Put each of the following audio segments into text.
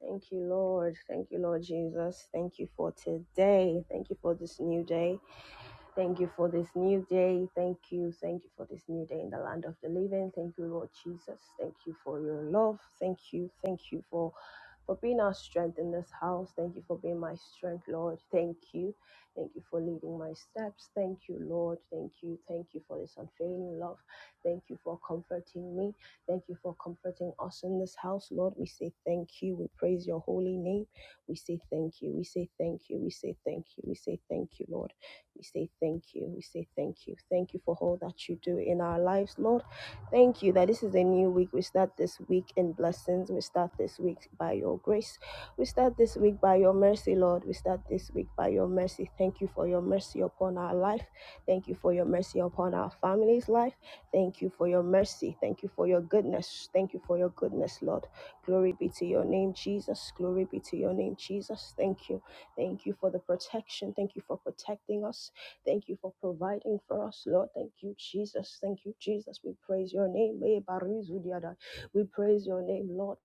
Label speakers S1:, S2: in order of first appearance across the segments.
S1: Thank you, Lord. Thank you, Lord Jesus. Thank you for today. Thank you for this new day. Thank you for this new day. Thank you. Thank you for this new day in the land of the living. Thank you, Lord Jesus. Thank you for your love. Thank you. Thank you for for being our strength in this house. Thank you for being my strength, Lord. Thank you. Thank you for leading my steps. Thank you, Lord. Thank you. Thank you for this unfailing love. Thank you for comforting me. Thank you for comforting us in this house, Lord. We say thank you. We praise your holy name. We say thank you. We say thank you. We say thank you. We say thank you, Lord. We say thank you. We say thank you. Thank you for all that you do in our lives, Lord. Thank you that this is a new week. We start this week in blessings. We start this week by your grace. We start this week by your mercy, Lord. We start this week by your mercy. Thank you for your mercy upon our life. Thank you for your mercy upon our family's life. Thank you for your mercy. Thank you for your goodness. Thank you for your goodness, Lord. Glory be to your name, Jesus. Glory be to your name, Jesus. Thank you. Thank you for the protection. Thank you for protecting us. Thank you for providing for us, Lord. Thank you, Jesus. Thank you, Jesus. We praise your name. Eh, Barizudiada. We praise your name, Lord.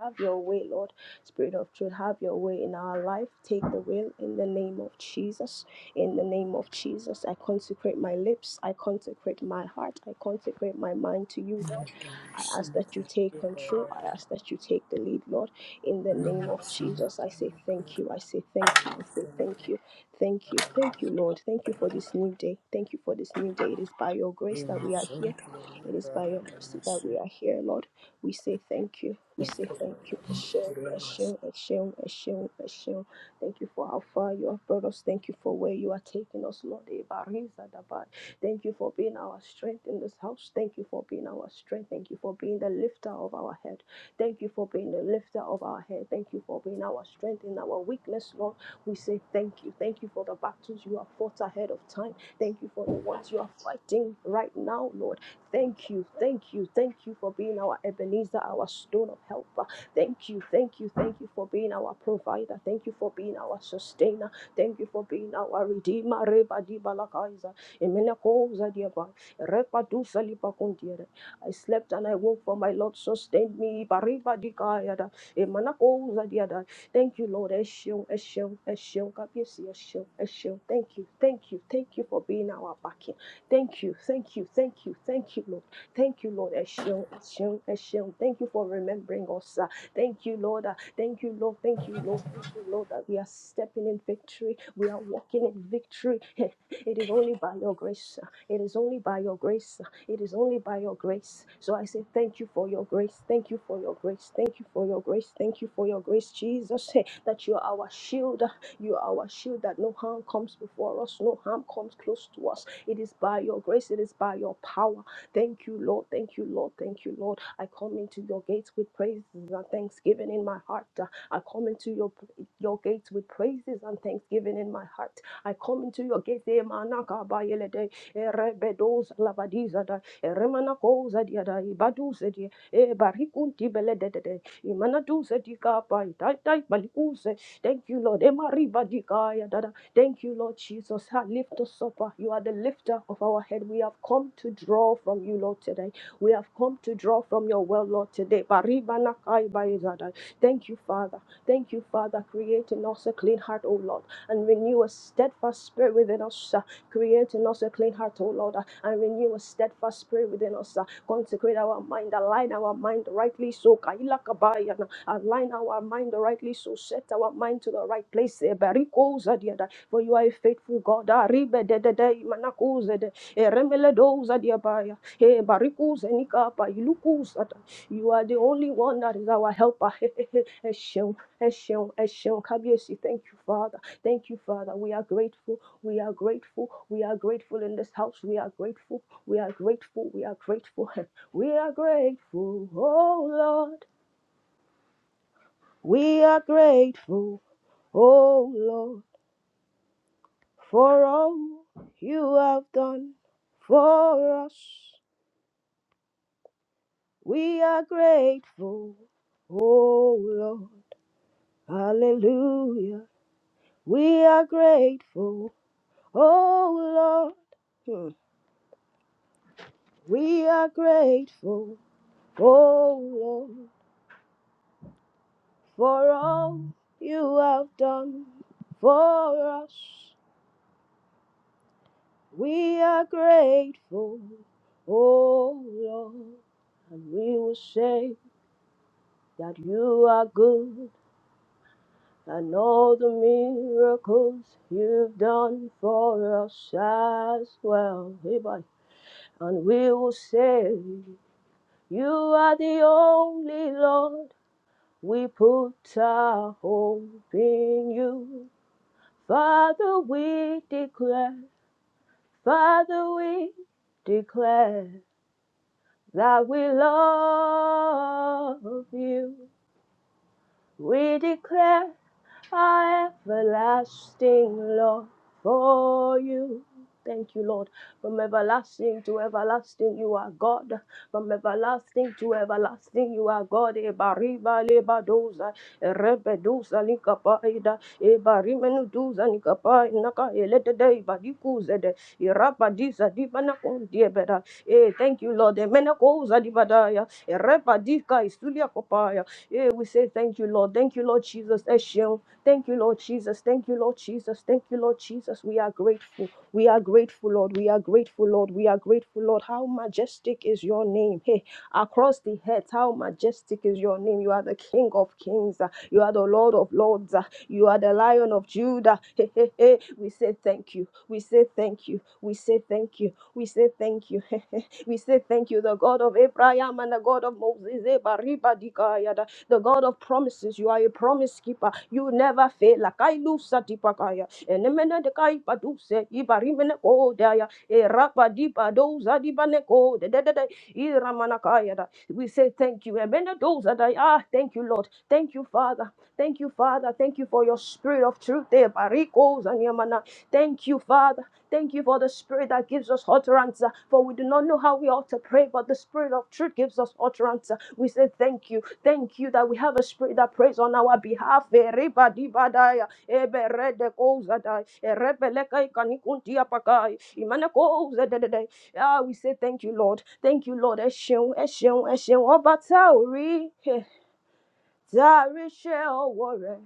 S1: Have your way, Lord. Spirit of truth, have your way in our life. Take the will in the name of Jesus. In the name of Jesus, I consecrate my lips. I consecrate my heart. I consecrate my mind to you. I
S2: Thank
S1: ask that you take control. I ask that you take the lead, Lord. In the name of Jesus, I say thank you. I say thank you. I say thank you. Thank you. Thank you, Lord. Thank you for this new day. Thank you for this new day. It is by your grace that we are here. It is by your mercy that we are here, Lord. We say thank you. We say thank you. Hashem, Hashem, Hashem, Hashem, Hashem. Thank you for how far you have brought us. Thank you for where you are taking us, Lord. Thank you for being our strength in this house. Thank you for being our strength. Thank you for being the lifter of our head. Thank you for being the lifter of our head. Thank you for being our strength in our weakness, Lord. We say thank you. Thank you for the battles you have fought ahead of time. Thank you for the ones you are fighting right now, Lord. Thank you, thank you, thank you for being our Ebenezer, our stone of help. Thank you, thank you, thank you for being our provider. Thank you for being our sustainer. Thank you for being our redeemer. Reba di balakaiza. I slept and I woke for my Lord sustained me. Bariba dikayada. Emana ko Thank you, Lord. Eshio, eshio, eshio. Kabiesi, eshio, eshio. Thank you, thank you, thank you for being our backing. Thank you, thank you, thank you, thank you, Lord. Thank you, Lord. Eshio, eshio, eshio. Thank you for remembering us. ah. Thank you, Lord. ah. Thank you, Lord. Thank you, Lord. Thank you, Lord, that we are stepping in victory. We are walking in victory. Hey, it is only by your grace. It is only by your grace. It is only by your grace. So I say thank you for your grace. Thank you for your grace. Thank you for your grace. Thank you for your grace, Jesus, eh, that you are our shield. You are our shield that no harm comes before us, no harm comes close to us. It is by your grace. It is by your power. Thank you, Lord. Thank you, Lord. Thank you, Lord. I come into your gates with praises and thanksgiving in my heart. I come into your your gates with praises and thanksgiving in my heart. I come into your gate, eh, manaka ba yele de, eh, rebedos lavadiza e eh, remana koza dia da, ibaduze eh, barikunti bele de de imanaduze di ka ba, itai tai balikuze. Thank you, Lord. Eh, mariba di ya da da. Thank you, Lord Jesus. Ah, Lift us up. ah. You are the lifter of our head. We have come to draw from you, Lord, today. We have come to draw from your well, Lord, today. Bariba nakai ba yeza Thank you, Father. Thank you, Father. Create in us a clean heart, O Lord and renew a steadfast spirit within us. uh, Create in us a clean heart, O Lord, uh, and renew a steadfast spirit within us. uh, Consecrate our mind, align our mind rightly so. Kaila kabaya na, Align our mind rightly so. Set our mind to the right place. eh, Bariko zadiada, For you are a faithful God. ah, ribe de de de, manako zede, eh, remele do zadiabaya, eh, bariko zenika pa, iluku zada. You are the only one that is our helper. Esheun, Esheun, Esheun. Kabiesi, Thank you, Father. Thank you, Father. We are grateful. We are grateful. We are grateful in this house. We are grateful. We are grateful. We are grateful. We are grateful, oh Lord. We are grateful, oh Lord, for all you have done for us. We are grateful, oh Lord. Hallelujah. We are grateful, oh Lord. Hmm. We are grateful. Oh Lord, for all you have done for us, we are grateful. Oh Lord, and we will say that you are good and all the miracles you've done for us as well. Amen. And we will say, You are the only Lord. We put our hope in you. Father, we declare, Father, we declare that we love you. We declare our everlasting love for you. Thank you, Lord. From everlasting to everlasting, you are God. From everlasting to everlasting, you are God. Ebariba lebadoza, erebedoza likapaida, ebarimenuduza nikapai naka eletede ibadikuzede, irabadiza dibanakondiebeda. Eh, Thank you, Lord. Emenakoza dibadaya, erabadika isulia kopaya, yeah, we say thank you, Lord. Thank you, Lord Jesus. Eshion. Thank you, Lord Jesus. Thank you, Lord Jesus. Thank you, Lord Jesus. We are grateful. We are grateful, Lord. We are grateful, Lord. We are grateful, Lord. How majestic is your name. Hey, across the head, how majestic is your name. You are the King of kings. Uh, You are the Lord of lords. Uh, You are the Lion of Judah. Hey, hey, hey. We say thank you. We say thank you. We say thank you. We say thank you. we say thank you, the God of Abraham and the God of Moses. Eba riba dika yada the God of promises. You are a promise keeper. You never fail. Lakailu satipakaya. Enemene dekai paduse. Ibarimene kodaya. Erapa dipa doza dibane kode. de- de- de. de. Iramanakaya da. We say thank you. Emene doza da. Ah, thank you, Lord. Thank you, Father. Thank you, Father. Thank you for your spirit of truth. Eh, bariko and Thank you, Father. Thank you for the spirit that gives us utterance, uh, for we do not know how we ought to pray, but the spirit of truth gives us utterance. uh. We say thank you. Thank you that we have a spirit that prays on our behalf. Erebadibadaya, eberedekozadai, erebelekaikanikuntiapakai, imanekozadedede. Ah, we say thank you, Lord. Thank you, Lord. Ẹ ṣeun, ẹ ṣeun, ẹ ṣeun. Ọba tá a ò rí, eh, tá a rí iṣẹ́ ọwọ́ rẹ̀.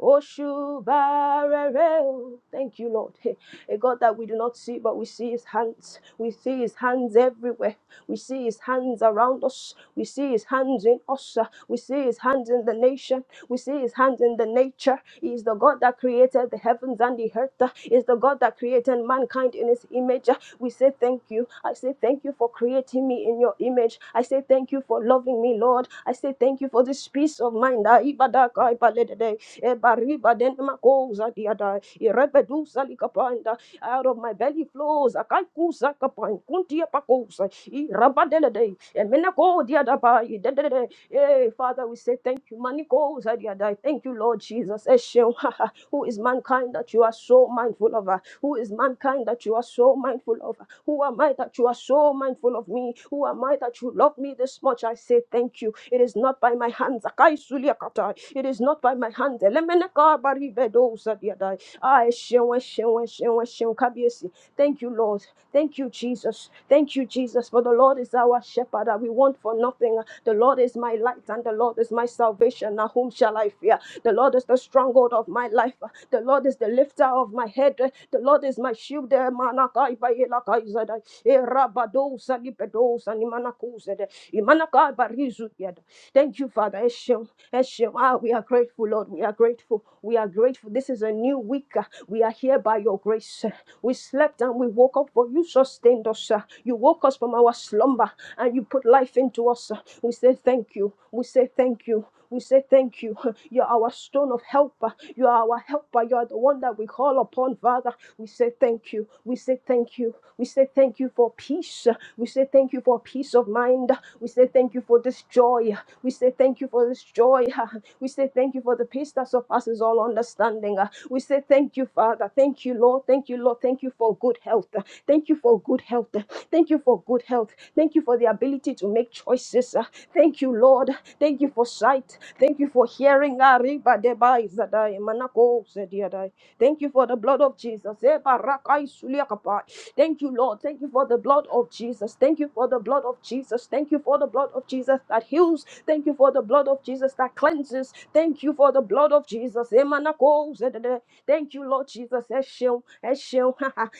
S1: Oshubarereo. Thank you, Lord. Hey, A God that we do not see, but we see his hands. We see his hands everywhere. We see his hands around us. We see his hands in us. We see his hands in the nation. We see his hands in the nature. He is the God that created the heavens and the earth. He is the God that created mankind in his image. We say thank you. I say thank you for creating me in your image. I say thank you for loving me, Lord. I say thank you for this peace of mind. Ah, ibadaka, ibaledede. E bariba denema koza diada. E rebedusa likapanda. Out of my belly flows. Akaikusa kapan. Kuntia pakosa. E rabadelede. E menako diada ba. E dedede. Eh, Father, we say thank you. Maniko uza diada. Thank you, Lord Jesus. Eshem. Who is mankind that you are so mindful of? ah? Who is mankind that you are so mindful of? ah? Who am I that you are so mindful of me? Who am I that you love me this much? I say thank you. It is not by my hands. Akai suliakata. It is not by my hands. Elemeneka baribedo sadiadai. Ah, eshewe, eshewe, eshewe, eshewe, kabiesi. Thank you, Lord. Thank you, Jesus. Thank you, Jesus. For the Lord is our shepherd. and We want for nothing. The Lord is my light and the Lord is my salvation. Now whom shall I fear? The Lord is the stronghold of my life. The Lord is the lifter of my head. The Lord is my shield. Manakai baelakai zada. Erabado salibedo sanimanaku zada. Imanakai barizu yada. Thank you, Father. Eshem, Eshem. Ah, we are grateful, Lord. We are grateful. We are grateful. This is a new week. We are here by your grace. We slept and we woke up, but you sustained us. uh. You woke us from our slumber and you put life into us. uh. We say thank you. We say thank you. We say thank you. You are our stone of helper. You are our helper. You are the one that we call upon, Father. We say thank you. We say thank you. We say thank you for peace. We say thank you for peace of mind. We say thank you for this joy. We say thank you for this joy. We say thank you for the peace that surpasses all understanding. We say thank you, Father. Thank you, Lord. Thank you, Lord. Thank you for good health. Thank you for good health. Thank you for good health. Thank you for the ability to make choices. uh, Thank you, Lord. Thank you for sight. Thank you for hearing. Arriba debai zadai manako zediadai. Thank you for the blood of Jesus. Eh, barakai suliakapa. Thank you, Lord. Thank you for the blood of Jesus. Thank you for the blood of Jesus. Thank you for the blood of Jesus that heals. Thank you for the blood of Jesus that cleanses. Thank you for the blood of Jesus. Emanako zedede. Thank you, Lord Jesus. Eshel, eshel.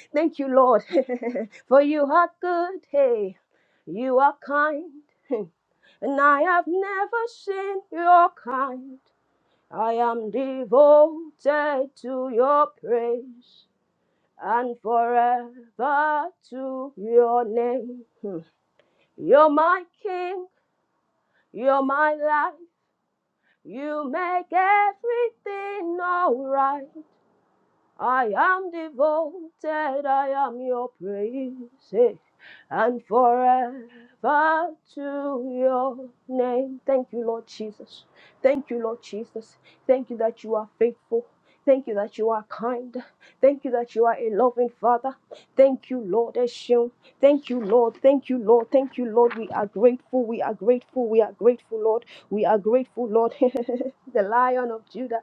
S1: Thank you, Lord. for you are good. Hey, you are kind. And I have never seen your kind. I am devoted to your praise and forever to your name. Hmm. You're my king, you're my life. You make everything alright. I am devoted, I am your praise, eh, and forever to your name. Thank you, Lord Jesus. Thank you, Lord Jesus. Thank you that you are faithful. Thank you that you are kind. Thank you that you are a loving Father. Thank you, Lord Eshim. Thank you, Lord. Thank you, Lord. Thank you, Lord. We are grateful. We are grateful. We are grateful, Lord. We are grateful, Lord. the Lion of Judah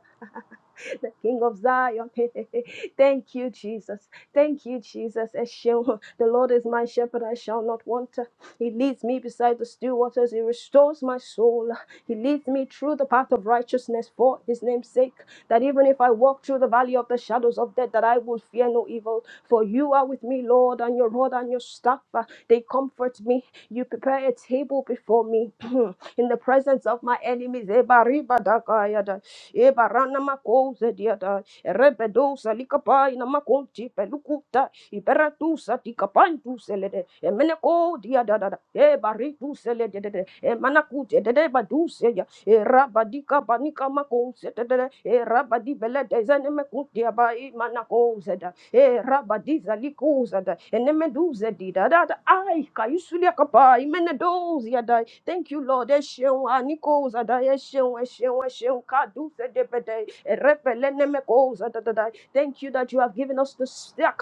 S1: the King of Zion. Thank you, Jesus. Thank you, Jesus. Eshew. The Lord is my shepherd, I shall not want. He leads me beside the still waters. He restores my soul. He leads me through the path of righteousness for his name's sake. That even if I walk through the valley of the shadows of death, that I will fear no evil. For you are with me, Lord, and your rod and your staff, uh, they comfort me. You prepare a table before me in the presence of my enemies. Ebaribadakayada. Ebarana makoze diada. Rebedosa likapai na makonti pelukuta. Iberatusa tikapantu selede. Emeneko diada da. Ebaritu selede de. Emanakute de de baduse ya. Erabadika banika makonse de de. Erabadi belede zenemekutia bai manakoze da. Erabadiza likuza da. Enemeduze dida da da. Ai kayusulia kapai menedozia Thank you, Lord. Ẹ ṣeun, àníkò òsàdá, ẹ ṣeun, ẹ ṣeun, ẹ ṣeun, kádù fẹ́dẹ́fẹ́dẹ́, ẹ̀rẹ́pẹ̀lẹ́nẹ́mẹ́kọ̀ òsàdádádá. Thank you that you have given us the spirit.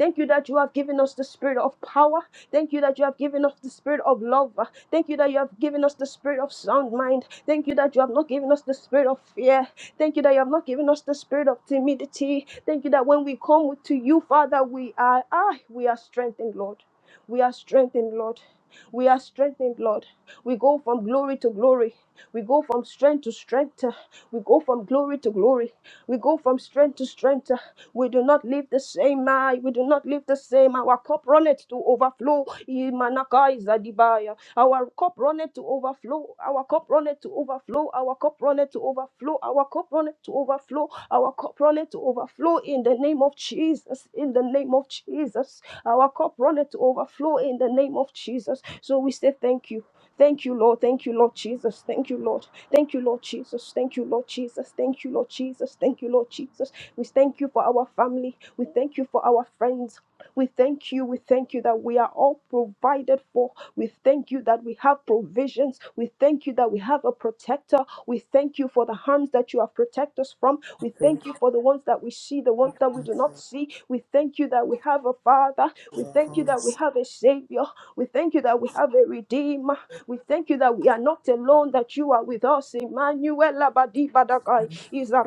S1: Thank you that you have given us the spirit of power. Thank you that you have given us the spirit of love. Thank you that you have given us the spirit of sound mind. Thank you that you have not given us the spirit of fear. Thank you that you have not given us the spirit of timidity. Thank you that when we come to you, Father, we are ah, we are strengthened, Lord. We are strengthened, Lord. We are strengthened, Lord. We go from glory to glory. We go from strength to strength. We go from glory to glory. We go from strength to strength. We do not live the same. ah. We do not live the same. Our cup runneth to overflow. Zadibaya. Our cup runneth to overflow. Our cup runneth to overflow. Our cup runneth to overflow. Our cup runneth to overflow. Our cup runneth to overflow in the name of Jesus. In the name of Jesus. Our cup runneth to overflow in the name of Jesus. So we say thank you. Thank you, Lord. Thank you, Lord Jesus. Thank you, Lord. Thank you, Lord Jesus. Thank you, Lord Jesus. Thank you, Lord Jesus. Thank you, Lord Jesus. We thank you for our family. We thank you for our friends. We thank you. We thank you that we are all provided for. We thank you that we have provisions. We thank you that we have a protector. We thank you for the harms that you have protected us from. We thank you for the ones that we see, the ones that we do not see. We thank you that we have a father. We thank you that we have a savior. We thank you that we have a redeemer. We thank you that we are not alone, that you are with us. Emmanuel Abadi Badakai Iza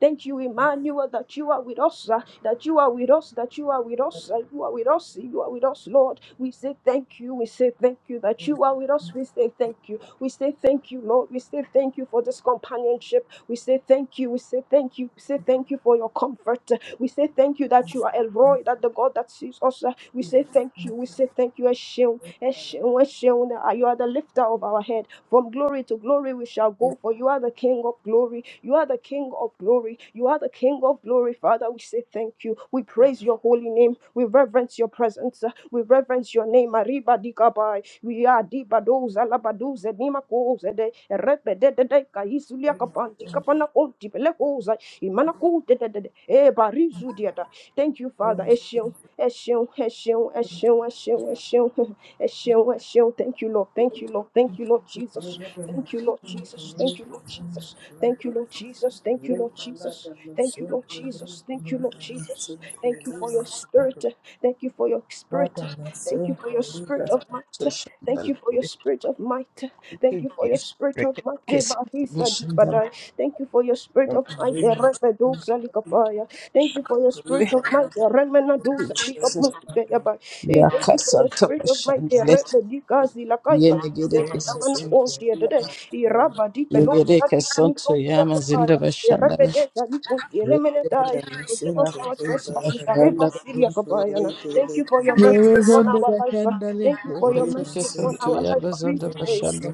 S1: Thank you, Emmanuel, that you are with us, uh, that you are with us, that you are with us, uh, you are with us, you are with us, Lord. We say thank you, we say thank you that you are with us. We say thank you, we say thank you, Lord. We say thank you for this companionship. We say thank you, we say thank you, we say thank you for your comfort. We say thank you that you are Elroy, that the God that sees us. uh, We say thank you, we say thank you, Eshel, sh- we shall- You are the lifter of our head. From glory to glory we shall go, for you are the King of glory. You are the King of glory. You are the King of glory. Father, we say thank you. We praise your holy name. We reverence your presence. We reverence your name. Arriba di kabai. We are di badoza la badoza ni makoza de repe de de de kaisulia kapanti kapana konti pele koza imana kote de de de de. e barizu diada. Thank you, Father. Eshion, eshion, eshion, eshion, eshion, eshion. Eshew, Eshew. Thank you, Lord. Thank you, Lord. Thank you, Lord Jesus. Thank you, Lord Jesus. Thank you, Lord Jesus. Thank you, Lord Jesus. Thank you, Lord Jesus. Thank you, Lord Jesus. Thank you, Lord Jesus. Thank you for your spirit. Thank you for your spirit. Thank you for your spirit of
S3: So
S1: might. Thank
S3: Shandala,
S1: you for your
S3: thank
S1: spirit of might. Thank
S3: you,
S1: you for your
S3: Jesus.
S1: spirit of might.
S3: Rekese,
S1: Debarisa
S3: Shandala,
S1: dipadai. Thank you for your spirit of might. Erebedosa likapaya. Thank you for your
S3: thank
S1: spirit of might.
S3: you,
S1: Eremenadosa
S3: Jesus.
S1: likaputukeyabai. Eh, Thank you for your
S3: Yakasanta
S1: spirit of might.
S3: Shandale,
S1: Erebedikazi lakaipa.
S3: Yenegere
S1: Sekamana
S3: Kesoto
S1: kontia dede.
S3: Shandala,
S1: Irabadi
S2: you.
S3: Yegere
S1: pelosa dipani
S3: Kesonto
S1: kontia
S3: Yama Zinda
S1: kapaya.
S3: Shandala,
S1: Erebedesa likontia lemenedai.
S2: Ada
S1: Forgive us
S2: masente
S1: our
S2: leba
S3: Yakasanta
S1: trespasses.
S2: ada
S1: Areba
S3: Shandala,
S1: siria
S2: masente
S1: kabayana.
S2: lebe
S1: Thank you
S2: leke
S1: for your
S2: ne
S1: mercy upon
S2: masente
S3: Yemezonda
S1: our life.
S3: Shandale,
S1: Thank you for your
S2: re
S3: Rekete
S1: mercy upon
S2: masente
S3: Kesonto
S1: our life,
S3: Yama
S1: Father,
S2: ne
S3: Zonda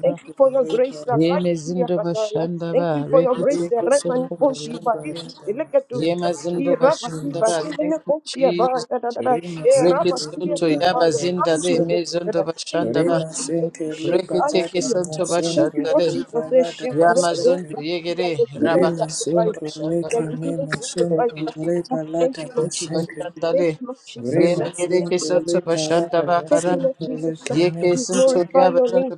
S1: Thank you for your grace,
S2: leba
S1: that guides
S2: ada
S1: see,
S3: Yemezindo
S1: Akataya. Thank
S3: Shandala,
S1: you for your
S2: re
S1: grace,
S3: Rekete
S1: that Redman
S3: Kesonto
S2: masente
S1: Ponti,
S2: leba
S3: Shandale,
S1: Badisi,
S2: ada
S1: Elekatus,
S3: Yemazindo
S1: Irabati,
S3: bashanda ba,
S2: masente
S3: thank
S1: Badimene
S3: you,
S1: Ponti,
S3: Jesus.
S1: Abada,
S2: leke ne masente re masente
S1: Erabati,
S3: Rekisonto
S2: leba
S1: Akipa, your
S2: ada
S3: Yabazindale,
S1: kindness,
S2: masente
S3: Mezondo
S1: Father. Thank you,
S2: re
S3: Bashandaba,
S1: Lord Jesus,
S2: masente
S1: we shall
S2: leba
S1: I see,
S3: Rekiteke
S2: ada
S1: you,
S3: Santo
S1: Akataya. Thank
S2: masente
S1: you, Lord
S3: Bashandale,
S1: Jesus, we
S2: leba ada
S1: shall me. do.
S2: masente
S3: Yamazondo
S1: We are
S3: Yegere,
S1: your living
S2: re
S3: Rabakasonto
S1: sacrifice.
S2: masente
S3: bashanda
S1: We are
S3: ba.
S2: leke
S1: your
S2: ne
S1: living
S2: masente
S3: thank
S1: sacrifice.
S3: you, Jesus.
S2: leba
S1: Thank
S2: ada
S1: you, Lord
S3: Rekisonto
S1: Jesus.
S2: masente
S1: Thank
S3: Bashandale,
S1: you, Lord Jesus.
S2: Rima
S1: Thank
S3: Yemegereke
S1: you, Lord
S3: Santo
S2: sinkele
S1: Jesus.
S2: parada
S3: ba.
S1: Thank
S3: Kara,
S1: you, Lord
S2: masinkele
S1: Jesus.
S2: keme
S3: Yeke
S1: We
S3: Santo
S2: masinke.
S1: glorify your
S3: Yabazondo
S1: name.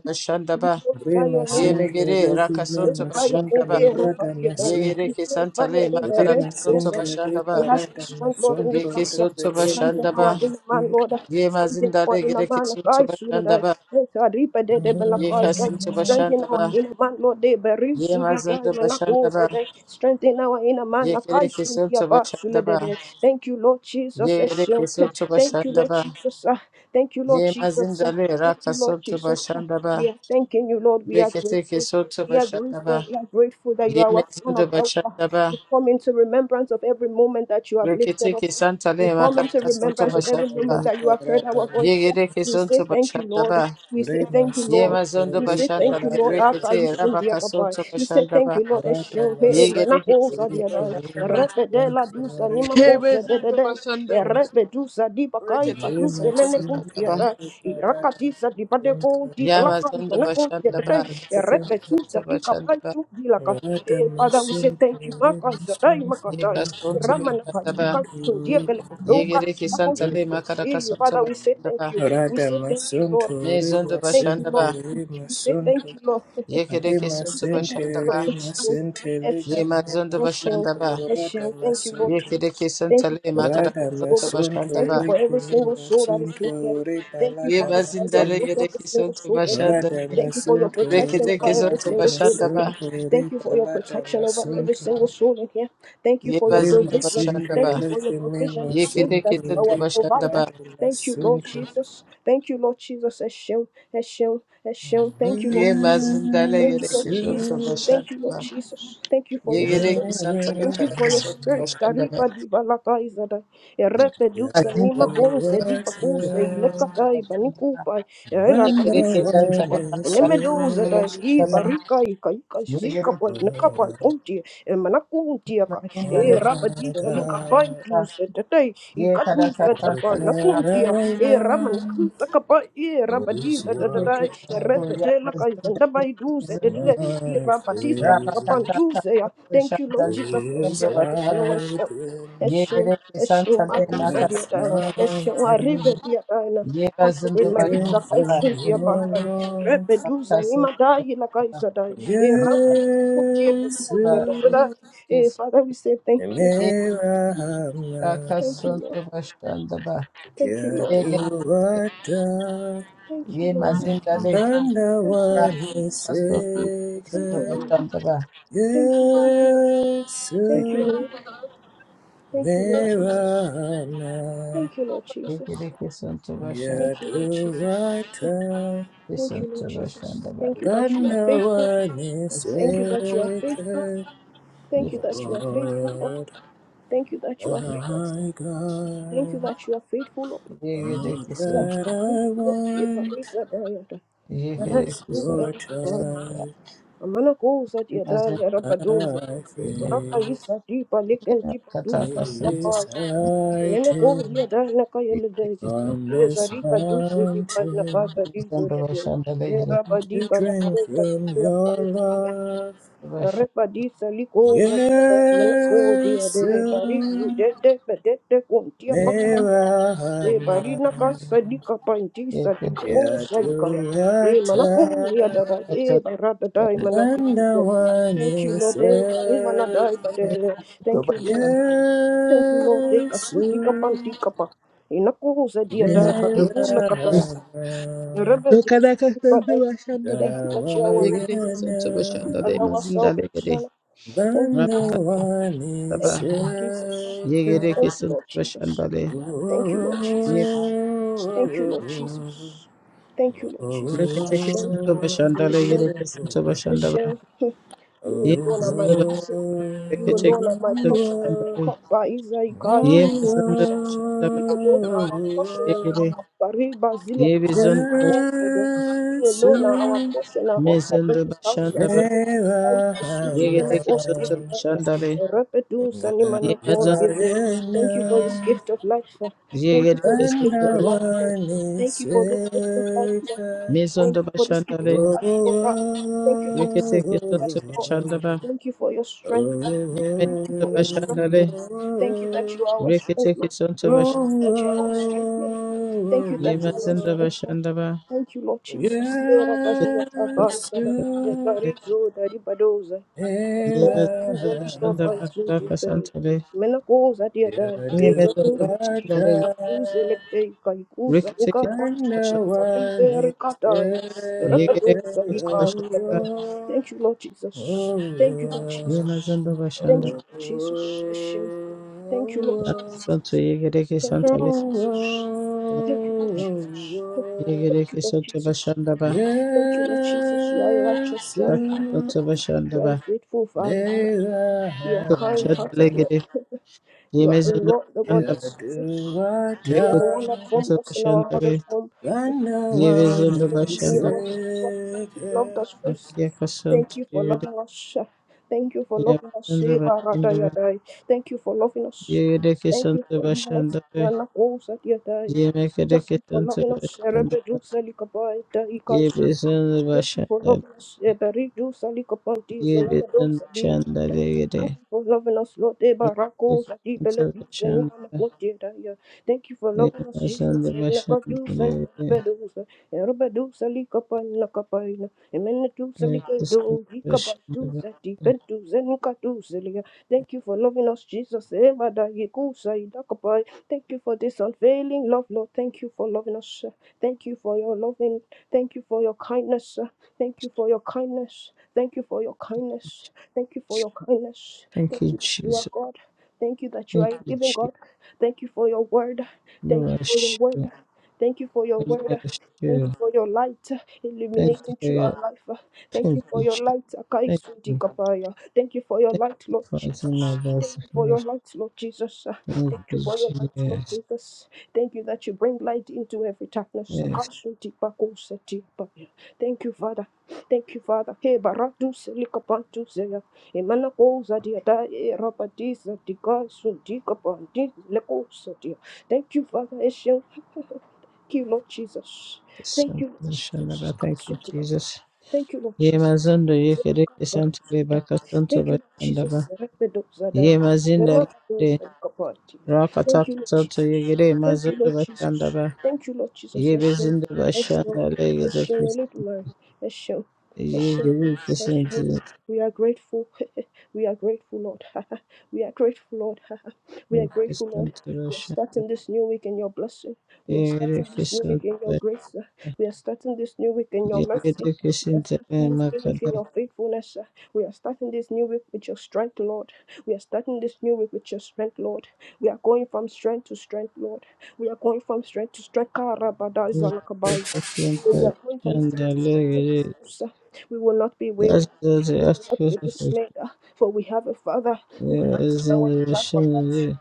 S1: We
S3: Bashandaba,
S1: glorify
S2: Rima
S1: your name.
S3: Yemegere,
S2: sinkele keme
S1: We
S3: Rakasonto
S1: glorify your name.
S2: masunto
S3: Bashandaba,
S1: Eh, Rabba,
S2: rada
S1: dear God.
S2: masinke.
S1: We
S3: Yegereke
S1: glorify
S3: Santale,
S1: your name. Eh,
S2: Rima
S1: Rabba, those
S3: Makarakasanto
S1: that
S2: sinkele
S1: We
S3: Bashandaba,
S1: have the
S2: parada
S1: strength, Lord, in this
S2: masunto
S3: Yeke
S1: house. uh,
S3: Santo
S2: rebele
S1: Strengthen
S2: keme
S3: Bashandaba,
S1: our inner man,
S2: masunto.
S1: Lord. uh,
S3: Ye
S1: Strengthen our
S3: mazindare
S1: inner
S3: gere
S1: man.
S3: kesin
S1: like I should have
S3: çabaşanda
S1: died.
S3: ba.
S1: Yes, I reap a dead, but like
S3: Ye
S1: I died.
S3: kesin
S1: Strengthen
S3: çabaşanda
S1: our
S3: ba.
S1: inner man, Lord. They bury
S3: Ye
S1: should have died,
S3: mazında
S1: but like
S3: başanda
S1: those
S3: ba.
S1: that died. Strengthen our inner man.
S3: Ye
S1: like I
S3: gere
S1: should have
S3: kesin
S1: died, should
S3: çabaşanda
S1: have
S3: ba.
S1: died. Thank you, Lord Jesus.
S3: Ye
S1: eh,
S3: gere
S1: shield.
S3: kesin
S1: Thank you,
S3: çabaşanda
S1: Lord
S3: ba.
S1: Jesus. uh, Thank you, Lord
S3: Ye
S1: Jesus.
S3: mazindale
S1: Thank you, Lord
S3: rakasın
S1: Jesus.
S3: çabaşanda ba.
S1: We are thanking you, Lord. We are
S3: Rekete
S1: grateful.
S3: kesin
S1: We are
S3: çabaşanda ba.
S1: grateful. We are grateful that you
S3: Ye
S1: are our son of
S3: mezinde
S1: help.
S3: başanda ba.
S1: We come into remembrance of every moment that you have lifted
S3: Rekete
S1: us.
S3: kesin
S1: We
S3: tale
S1: come into
S3: makarakasın
S1: remembrance of every
S3: çabaşanda ba.
S2: Sinkele
S1: moment that you have heard
S2: parada
S1: our
S3: Ye
S1: voice.
S3: gere
S1: We
S3: kesin
S1: say thank you,
S3: çabaşanda
S1: Lord.
S3: ba.
S1: We say
S2: Rima
S1: thank you,
S3: Ye
S1: Lord.
S3: mazında
S1: We
S2: sinkele
S1: say
S3: başanda
S1: thank you,
S3: le
S2: parada
S1: Lord. After
S3: rekete
S1: you soon,
S2: masunto
S1: dear
S3: rabakasın
S1: goodbye. We say
S3: çabaşanda ba.
S1: thank you, Lord.
S2: rada
S1: Esho, hey,
S3: Yegere
S1: mana
S2: masinke.
S1: kosa,
S3: hesete
S1: dear die.
S2: Keme
S3: bashandaba.
S1: Repedela,
S2: masunto
S1: dusa, nima
S3: Hebezinde
S1: kosa,
S3: bashandaba.
S2: rebele
S1: Erebedusa di bakai
S2: Andrei
S3: Reketeke
S1: patus
S3: sonto
S1: elene
S2: Maxim
S3: bashandaba.
S1: kuntiata.
S2: Theatre Parata
S1: Irakatisa di
S2: Maxim
S1: padeko di pelakai
S3: Yamazonde
S2: Theatre
S3: bashandaba.
S2: Parata
S1: manakuntiata.
S2: Maxim
S3: Reketeke sonto
S1: Erebedusa di kapai
S3: bashandaba.
S1: tu dilaka.
S2: Theatre
S1: Eh, Father, we say
S2: Maxim
S1: thank you.
S2: Theatre
S1: Makai sadai makatai.
S3: Yekas sonto
S1: Iramanakai
S3: bashandaba.
S1: ikatsu diakeleku doka.
S3: Yegere kesanta le
S1: akontuke.
S3: makaraka
S1: Eh,
S3: sonto
S1: Father, we say
S3: bashandaba.
S1: thank you. We
S2: Parata
S1: say thank you,
S2: Maxim Theatre Maxim
S1: Lord.
S2: Theatre Maxim Theatre Andrei Maxim Theatre
S3: Nezondo
S1: We thank
S2: Maxim
S1: you, Lord.
S3: bashandaba.
S2: Theatre
S1: We say
S2: Maxim
S1: thank you, Lord.
S3: Yekereke sonto bashandaba.
S1: Bless you.
S2: Theatre
S1: Bless you.
S3: Yemazondo
S1: Bless you.
S3: bashandaba.
S1: Bless
S2: Parata
S1: you. Thank you, Lord
S2: Maxim
S1: Jesus.
S3: Yekereke santa
S1: Thank you
S3: le
S1: for the prayer,
S3: makaraka sonto
S1: Lord.
S2: Radamasunto
S1: Thank
S3: bashandaba.
S1: you for every
S2: Likini
S1: single soul that is
S2: Masunto
S1: here. Thank you for
S2: Ripalada
S1: how far you have
S3: Yemazindale
S1: brought
S2: Masunto
S1: every
S3: yereke
S1: single
S3: sonto
S1: soul in here.
S3: bashandale.
S1: Thank you for your
S2: Radamasunto
S1: protection
S3: Reketeke
S1: over every
S3: sonto
S2: Ripalada
S1: single soul in
S3: bashandaba.
S1: here.
S2: Masunto
S1: Thank you for your
S2: Ripalada
S1: protection over every
S2: Masunto
S1: single soul in here. Thank you
S3: Ye
S1: for your
S3: bazinda
S1: provision.
S3: bashanda
S2: Rimasinte
S3: ba.
S1: Thank you for your
S2: Likini
S1: provision.
S3: Ye
S1: Thank
S3: kete
S1: you that
S2: Masunto
S1: you
S3: kete
S1: are
S3: to
S1: our
S3: bashanda ba.
S1: provider.
S2: Ripalada
S1: Thank you, Lord
S2: Masunto
S1: Jesus. Thank you, Lord Jesus. Hashem, Hashem, Hashem. Thank you,
S3: Ye
S1: Lord Jesus.
S3: mazinda le
S1: Thank
S3: yere
S1: you, Lord
S2: Masunto
S3: kete to
S1: Jesus. Thank
S3: bashanda
S1: you,
S3: ba.
S1: Lord Jesus. Thank you for
S3: Ye
S1: your
S3: yere
S1: spirit.
S3: kisanta le
S1: Thank you
S3: kara
S1: for your
S3: kete to
S1: strength.
S3: bashanda ba.
S1: Kariba di balata izada.
S2: Never
S1: Erete
S2: get
S1: dusa
S3: Azinda
S1: nima
S3: le
S1: kose
S3: kara
S1: di
S3: kete to
S1: pakuse
S2: water
S1: ilekata ibani
S3: bashanda ba.
S1: kupa. Era
S3: Ye
S2: when
S3: yere
S2: no
S1: kapise di
S3: kisanta le
S1: kupa.
S2: one is
S3: kara
S1: Eneme
S3: kete to
S1: doza da i
S3: bashanda
S2: chasing.
S3: ba.
S1: barika i kaika
S3: Ye
S1: zika
S3: yere
S2: Oh,
S1: pa
S3: kisanta le kara kete to
S1: neka
S3: bashanda
S1: pa
S3: ba.
S1: kunti. Emana kunti
S3: Ye
S1: aka.
S3: mazinda le
S1: E
S2: my
S1: raba
S3: kete
S1: di
S3: to bashanda
S1: salika pa
S2: God,
S3: ba.
S1: tu se tetai. I
S3: Ye kara
S1: katu
S3: kete
S1: se
S3: to
S2: all
S1: tapa na
S3: bashanda ba.
S2: that I
S1: kunti. E rama
S2: want
S1: nikusa kapa. E raba di
S2: is
S3: Ye
S1: zada da
S2: your
S1: da.
S2: God.
S1: Erete la kaizenda ba idu se
S2: My
S1: Irabadisa
S2: faith
S1: kapantuzeya. Thank you, Lord Jesus.
S2: is
S1: Eshe, eshe, eshe.
S2: hiding
S1: Eshe,
S3: Yekere
S1: eshe,
S2: on
S1: makuza dear
S2: this
S1: die. Eshe,
S2: mountain
S1: aribe dear die. na. Consecrate
S2: to
S1: my lips
S2: drink
S1: up. I
S2: from
S1: should dear by.
S2: your Lord.
S1: Repeduza, nima die la kaiza die. Irabadiku dear
S2: Yes,
S1: bekuza da da da. Eh, Father, we say thank you.
S2: Mirama,
S1: Thank you, Lord. Thank you, Lord.
S2: Yaduata,
S1: Thank you, Lord.
S2: When the
S1: Thank you, Lord.
S2: world is
S1: Thank you,
S2: shaken,
S1: Lord. Thank you, Lord.
S2: the
S1: Thank you,
S2: soul
S1: Lord. Thank you, Lord Jesus.
S2: Nirvana
S1: Thank you, Lord Jesus.
S3: kesin tıraşan.
S1: Thank you, Lord Jesus.
S2: Yaduvata
S1: Thank
S3: Listen
S1: you, Lord
S3: to Russian
S1: Jesus.
S3: about
S1: Thank you that you are faithful. Thank
S3: Russian.
S1: you that you are faithful.
S2: Gandhavanisekha
S1: Thank
S3: You
S1: you that
S3: listen
S1: you
S3: to
S1: are
S3: Russian.
S1: faithful, Lord.
S2: Lord
S1: Thank you that you are
S3: You
S1: faithful.
S2: my
S1: Thank
S2: God
S1: you that you are faithful, Lord.
S2: All
S3: get listen.
S1: Thank
S2: that I
S1: you that you
S2: want
S3: You get
S2: is
S3: listen.
S1: are
S2: your
S1: faithful, Lord.
S2: touch
S1: Amana goza dia da
S3: Imagine
S1: ya rabadoza.
S2: I
S3: you
S1: Rapa
S2: feel
S1: isa di palikan
S3: get
S1: di
S2: He
S1: padusa.
S3: Kataka Santa.
S2: is
S1: Yana ko
S2: hiding
S1: dia Neno kuu dana
S3: You get
S1: kayelede.
S2: on
S1: Ye
S3: listen.
S2: this
S1: zarifa dusi di pa pana
S2: mountain
S1: papa di
S3: Listen to
S1: zodede.
S3: Russian. They
S1: Ye
S3: get
S1: raba di
S2: to
S1: pana
S2: drink
S1: koza di
S2: from
S1: la
S2: your
S1: koza de.
S2: love.
S3: Russian.
S1: Repa di sali koza di de. Mala ko dia
S2: Yes,
S1: de.
S2: you
S1: Bari zi de de pa zodede bedede kuntia
S3: You
S1: paka. Ye bari
S2: Mirahama,
S1: na kasa di ka pa
S3: get listen. To Russian. You listen to Russian. Kataka Santa Russian. They get listen to
S1: sali
S3: Russian.
S1: koza di kaya. Ye mala ko dia da da.
S2: Yaduata,
S1: Ye barada da da mana di
S2: Banda
S1: zodede.
S2: one
S1: Thank you, Lord.
S2: is
S1: Eh, bari mana da ibadede. Thank you, Lord. Thank you, Lord. Take a
S2: Yes,
S1: suit, take ka pan
S2: you
S1: di ka pa. Inaku sa dia da ba di ku la ka da.
S2: Mirahama.
S1: Rebe di su di ba Thank you that you are our
S2: Narayana
S1: light, you are
S3: They
S1: our
S3: imagine they get
S1: salvation. Thank you, Lord.
S2: Bandhavani
S3: Rabaka.
S1: Thank you, Lord Jesus.
S3: Yegere
S1: Thank
S2: Shekhar.
S1: you,
S3: kesinti
S1: Lord Jesus.
S3: başandale.
S2: oh oh
S1: Thank you,
S2: oh
S1: Lord
S2: oh,
S1: Jesus.
S3: Ye başandale.
S1: Thank you, Lord Jesus.
S2: oh,
S1: Thank you, Lord Jesus.
S3: Rekete
S1: Hashem,
S3: kesinti başandale.
S1: Hashem,
S3: Yere kesinti başandale.
S1: Hashem. You
S3: Ye
S1: alone are
S3: mazında
S1: my portion.
S3: başandale.
S1: You
S3: Rekete
S1: alone are my
S3: kesinti
S1: portion and my
S3: başandale.
S1: cup. By Isaiah,
S3: Ye mazında başandale.
S1: You alone are our portion and our
S3: Yegere.
S1: cup. Bariba zilia
S3: Ye
S1: kapaya
S3: bizunda
S1: na
S3: baş-
S1: kofe de.
S2: oh,
S1: You alone are our
S2: oh,
S1: portion and our cup. Let
S3: mezunda
S1: us house ya.
S3: başandale.
S1: Let us light
S2: oh,
S1: a sweet little
S3: Yegere
S2: oh,
S1: of your
S3: kesinti
S2: oh,
S1: fire.
S3: başandale.
S1: Repetus and iman
S3: Ye
S1: of all
S3: mazın.
S1: give them.
S2: Warena
S1: Thank you for this gift of life. uh. Thank you
S3: Yegere
S1: for this
S3: kesinti
S1: gift of
S3: başandale.
S1: life, Lord.
S2: bandawani
S1: Thank you for this gift of life, Lord.
S2: seka
S1: Thank
S3: Mezunda
S1: you for this gift of
S3: başandale.
S2: oh
S1: life, Lord. Thank you for this
S2: oh
S3: Rekete
S1: gift of
S3: kesinti
S1: life, Lord.
S3: başandale.
S1: Thank you for your strength. God.
S2: oh
S3: Ye
S1: Thank you
S3: mezunda
S1: for your strength.
S3: başandale.
S1: Thank you that you are our strength,
S3: Rekete
S1: Lord.
S3: kesinti
S2: oh oh
S3: başandale.
S1: Thank you that you always strengthen me. Thank
S2: oh
S1: you that you always
S3: Yemasandaba
S1: strengthen me.
S3: Shandaba
S1: Thank you, Lord Jesus. Era badia
S2: Yesu
S1: avanzada, de parizo da ribadoza. Mena cusa
S3: Yemasandaba
S1: lica
S2: elama
S1: pai
S3: Shandaba
S1: cinti
S3: Kraka
S1: pei.
S3: Santale
S1: Mena cusa dia dai. E ramen
S3: Yemasandaba
S1: cutica
S3: Shandaba
S1: pantuze le
S2: yaduvata
S1: pei cai cusa uca
S3: Rikitiki
S2: And
S1: pantuze.
S2: no
S1: Uca pinte
S2: one is
S1: ricataia. E
S2: there.
S3: Yegere
S1: rapadoza
S3: Santaba
S1: lica
S2: Oh,
S3: Shandaba
S1: pei.
S2: oh,
S1: Thank you, Lord
S2: oh,
S1: Jesus.
S2: oh,
S1: Thank you, Lord Jesus.
S3: Yemasandaba
S1: Thank you,
S2: oh,
S3: Shandaba
S1: Lord Jesus. Thank you, Lord Jesus.
S3: Santo Yegereke
S1: Thank
S2: oh, oh,
S1: you, Lord
S3: Santale
S1: Jesus.
S2: oh,
S1: Thank you, Lord Jesus.
S2: oh.
S1: Thank you,
S3: Yegereke
S1: Lord
S3: Santaba
S1: Jesus.
S3: Shandaba
S1: Thank you, Lord Jesus. You are a righteous
S2: Yes,
S1: judge.
S3: Kraka Santaba
S1: You are a
S3: Shandaba
S1: faithful father.
S2: may the
S1: You are kind
S2: hammer
S1: hearted, Lord.
S3: Shandalegere
S1: You are a
S3: Yemasandaba
S1: Lord, the God
S2: you
S3: Shandaba
S1: that
S2: do
S1: saves us.
S2: what
S1: You are the one
S3: Rikitiki
S1: that
S2: I
S1: formed
S3: Santaba
S1: us in our mother's
S3: Shandaba
S1: womb.
S2: and no
S1: You knew us
S2: one
S3: Yemasandaba
S1: before we
S2: is
S3: Shandaba
S1: knew ourselves. loved
S2: there.
S1: us first.
S3: Akiaka
S1: Thank
S3: Santo
S1: you for
S3: Yere
S1: loving us. Chef. Thank you for loving us.
S3: Yakandaba
S1: Sheba Rada
S3: Indaba
S1: Yadai. Thank you for loving us.
S3: Yereke
S1: Thank you
S3: Santa
S1: for loving us.
S3: Bashandaba
S1: Mana Osa Yadai. Thank
S3: Yemekereke
S1: you for
S3: Santa
S1: loving us.
S3: Bashandaba
S1: Rebedu Salikabai Daika Suja.
S3: Yebesanda
S1: Thank you for
S3: Bashanda
S1: loving us. Eberidu Salikapanti
S3: Yebesanda Shanda
S1: Thank
S3: Yere
S1: you for loving us, Lord. De barakos, adi bele
S3: Santa
S1: dus, and
S3: Bashanda
S1: nama kunti daya. Thank you for loving us,
S3: Yebesanda
S1: Jesus. And never do, and
S3: Bashanda
S1: never do, and never do, salika pa, naka pa, ina. Emene do,
S3: Yere
S1: salika
S3: Santa
S1: do, hika ba do,
S3: Bashandaba
S1: adi zenuka do, zelia. Thank you for loving us, Jesus. Ema da yeku, sa idaka pa. Thank you for this unfailing love, Lord. Thank you for loving us. Thank you for your loving Thank you for your kindness. Thank you for your kindness. Thank you for your kindness. Thank you for your kindness.
S3: Thank
S1: Thank
S3: you,
S1: you that you are
S3: Jesus.
S1: God. Thank you that you
S3: Thank
S1: are a
S3: you,
S1: living
S3: Jesus.
S1: God. Thank you for your word. Thank
S3: No, I
S1: you for your
S3: show.
S1: word. Thank you for your
S3: No,
S1: word. Thank you for your light uh,
S3: Thank
S1: illuminating
S3: you,
S1: through our life. uh. Thank
S3: Thank
S1: you for
S3: you,
S1: your
S3: Jesus.
S1: light, Akai
S3: Thank you.
S1: Sudi Kapaya. Thank you for your
S3: Thank
S1: light,
S3: you
S1: Lord
S3: for answering my
S1: Jesus.
S3: voice
S1: Thank
S3: to
S1: you for your light, Lord Jesus. uh.
S3: Thank
S1: Thank you
S3: you,
S1: for your light, Lord
S3: Jesus.
S1: Jesus. Thank you that you bring light into every darkness.
S3: Yes,
S1: Akai Sudi Pakoseti Kapaya. Thank you, Father. Thank you, Father. Hey, Baratu Selikapantu Zeya. Emana Koza Diada Erabadiza Diga Sudi Kapandi Leko Setia. Thank you, Father Eshion. you, Lord Jesus. Thank you, Lord
S3: Santo
S1: Jesus.
S3: Shandaba. Thank you, Jesus.
S1: Thank you, Lord
S3: Ye
S1: Jesus.
S3: mazondo
S1: Thank
S3: ye kere
S1: you, Lord
S3: santo le
S1: Jesus.
S3: baka santo
S1: Thank
S3: ba
S1: you, Lord Jesus.
S3: shandaba.
S1: Thank you, Lord
S3: Ye mazinda le rakata santo ye gere mazondo ba
S1: Jesus.
S3: shandaba.
S1: Thank you, Lord Jesus.
S3: Ye
S1: I shall,
S3: bezindo ba
S1: I shall,
S3: shanda le
S1: I
S3: gere
S1: shall,
S3: kis.
S1: little man. I shall, I
S3: Ye
S1: shall,
S3: gere
S1: I
S3: kisanto
S1: shall. We are grateful. we are grateful, Lord. we are grateful, Lord. we are
S3: le
S1: grateful, Lord.
S3: santo ba
S1: We are
S3: shanda.
S1: starting this new week in your blessing. We are
S3: Ye gere
S1: starting this new week
S3: kisanto
S1: in your
S3: ba
S1: grace. uh.
S3: shanda.
S1: We are starting this new week in your
S3: Ye
S1: mercy.
S3: gere kisanto
S1: We are starting this new week
S3: le
S1: in your faithfulness. uh. We are starting this new week with your strength, Lord. We are starting this new week with your strength, Lord. We are going from strength to strength, Lord. We are going from strength to strength. Karabada
S3: That's
S1: zalakabai. We
S3: the
S1: are going from strength to strength in this house. uh. We will not be weary. We will
S3: aspect
S1: not be
S3: of
S1: dismayed, uh, for we have a Father who
S3: there
S1: fights
S3: is
S1: on our
S3: in the
S1: behalf.
S3: Shandalee.